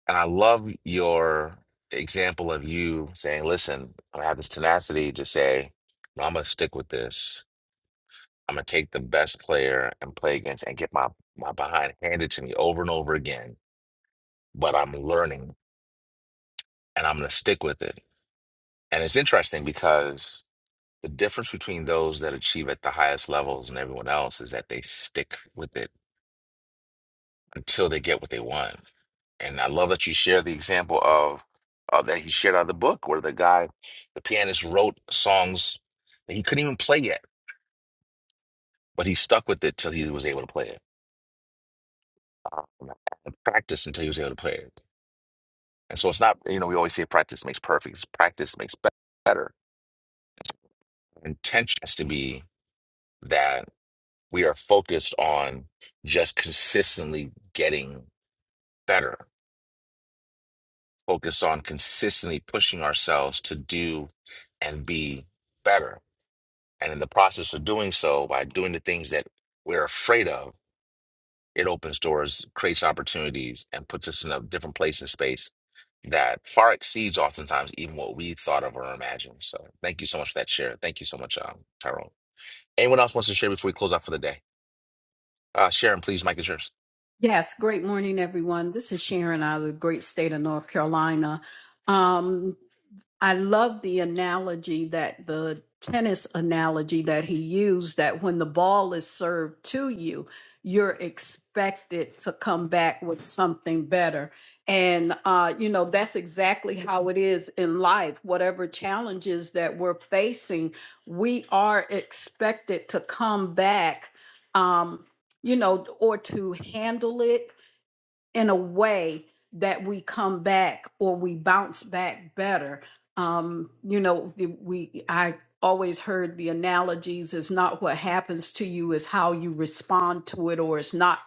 A: and i love your example of you saying listen i have this tenacity to say no i'm gonna stick with this i'm gonna take the best player and play against and get my my behind handed to me over and over again but i'm learning and i'm gonna stick with it and it's interesting because The difference between those that achieve at the highest levels and everyone else is that they stick with it until they get what they want. And I love that you share the example of uh, that he shared out of the book where the guy, the pianist, wrote songs that he couldn't even play yet, but he stuck with it till he was able to play it. Um, and practice until he was able to play it. And so it's not, you know, we always say practice makes perfect. It's Practice makes be- better. Intention has to be that we are focused on just consistently getting. better, focus on consistently pushing ourselves to do and be better. And in the process of doing so, by doing the things that we're afraid of, it opens doors, creates opportunities, and puts us in a different place and space that far exceeds oftentimes even what we thought of or imagined. So thank you so much for that share. Thank you so much, um, Tyrone. Anyone else wants to share before we close out for the day? Uh, Sharon, please, Mike is yours.
D: Yes, great morning, everyone. This is Sharon out of the great state of North Carolina. Um, I love the analogy that the tennis analogy that he used that when the ball is served to you, you're expected to come back with something better. And, uh, you know, that's exactly how it is in life. Whatever challenges that we're facing, we are expected to come back, um, you know, or to handle it in a way that we come back or we bounce back better. Um, you know, the- we I always heard the analogies is not what happens to you is how you respond to it or it's not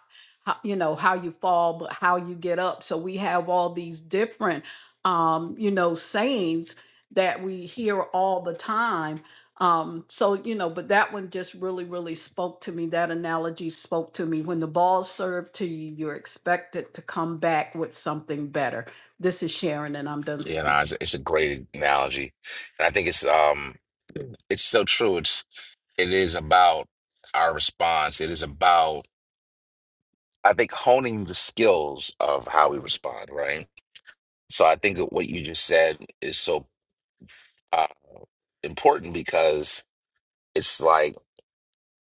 D: how, you know how you fall but how you get up. So we have all these different um, you know sayings that we hear all the time um, so you know, but that one just really, really spoke to me. That analogy spoke to me. When the ball's served to you, you're expected to come back with something better. This is Sharon, and I'm done
A: Yeah, no, it's,
D: speaking.
A: it's a great analogy. And I think it's um it's so true. It's It is about our response. It is about, I think, honing the skills of how we respond, right? So I think that what you just said is so uh, important because it's like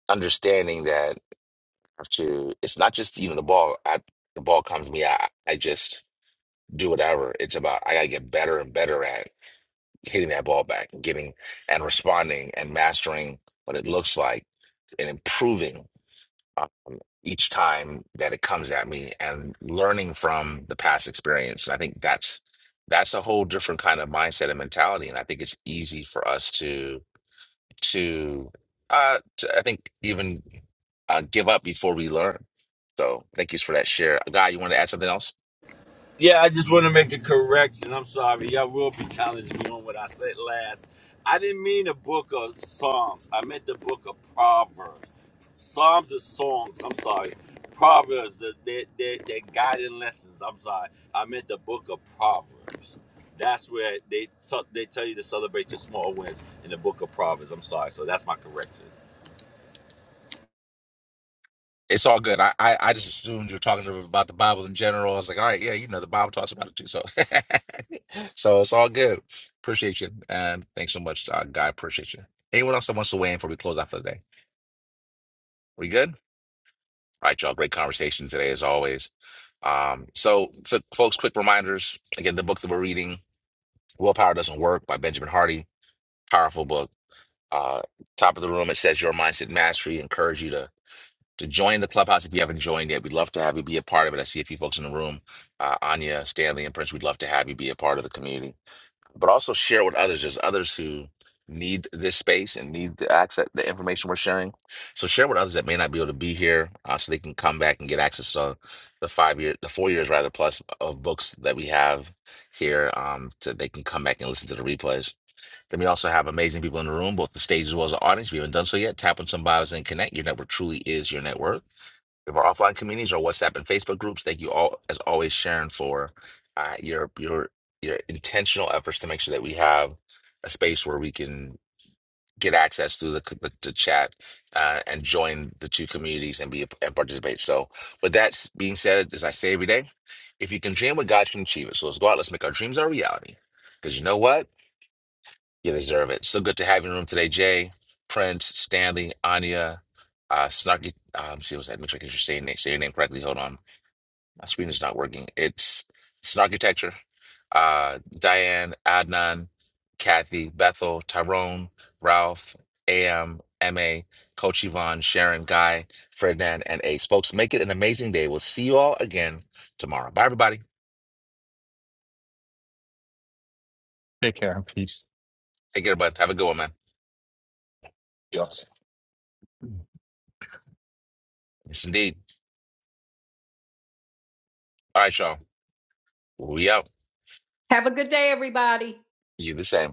A: understanding that I have to it's not just even the ball. I, the ball comes to me. I, I just do whatever. It's about I gotta get better and better at hitting that ball back and getting and responding and mastering what it looks like and improving. each time that it comes at me and learning from the past experience. And I think that's that's a whole different kind of mindset and mentality. And I think it's easy for us to to uh to, I think even uh give up before we learn. So thank you for that share. Guy, you want to add something else?
K: Yeah, I just want to make a correction. I'm sorry. Y'all will be challenging me on what I said last. I didn't mean the book of Psalms. I meant the book of Proverbs. Psalms are songs. I'm sorry. Proverbs, they're, they they they're guiding lessons. I'm sorry. I meant the book of Proverbs. That's where they t- they tell you to celebrate your small wins in the book of Proverbs. I'm sorry. So that's my correction.
A: It's all good. I, I, I just assumed you were talking about the Bible in general. I was like, all right, yeah, you know, the Bible talks about it too. So, so it's all good. Appreciate you. And thanks so much, uh, Guy. Appreciate you. Anyone else that wants to weigh in before we close out for the day? We good? All right, y'all. Great conversation today, as always. Um, so, f folks, quick reminders. Again, the book that we're reading, Willpower Doesn't Work by Benjamin Hardy. Powerful book. Uh, top of the room, it says Your Mindset Mastery. Encourage you to to join the clubhouse if you haven't joined yet. We'd love to have you be a part of it. I see a few folks in the room, uh, Anya, Stanley, and Prince. We'd love to have you be a part of the community, but also share with others. There's others who need this space and need the access, the information we're sharing. So share with others that may not be able to be here, uh, so they can come back and get access to the five year, the four years rather plus of books that we have here, um, so they can come back and listen to the replays. Then we also have amazing people in the room, both the stage as well as the audience. If you haven't done so yet, tap on some bios and connect. Your network truly is your net worth. We have our offline communities, our WhatsApp and Facebook groups. Thank you all, as always, Sharon, for uh, your your your intentional efforts to make sure that we have a space where we can get access through the the, the chat uh, and join the two communities and be and participate. So, with that s- being said, as I say every day, if you can dream what God can achieve it. So let's go out. Let's make our dreams our reality. Because you know what? You deserve it. So good to have you in the room today, Jay, Prince, Stanley, Anya, uh, Snarky. Um, see what's that? Make sure I get your saying name, say your name correctly. Hold on, my screen is not working. It's Snarkitecture. Uh, Diane, Adnan, Kathy, Bethel, Tyrone, Ralph, AM, MA, Coach Yvonne, Sharon, Guy, Ferdinand, and Ace. Folks, make it an amazing day. We'll see you all again tomorrow. Bye, everybody.
J: Take care and peace.
A: Take care, bud. Have a good one, man.
J: Yes.
A: Yes, indeed. All right, y'all. We out.
D: Have a good day, everybody.
A: You the same.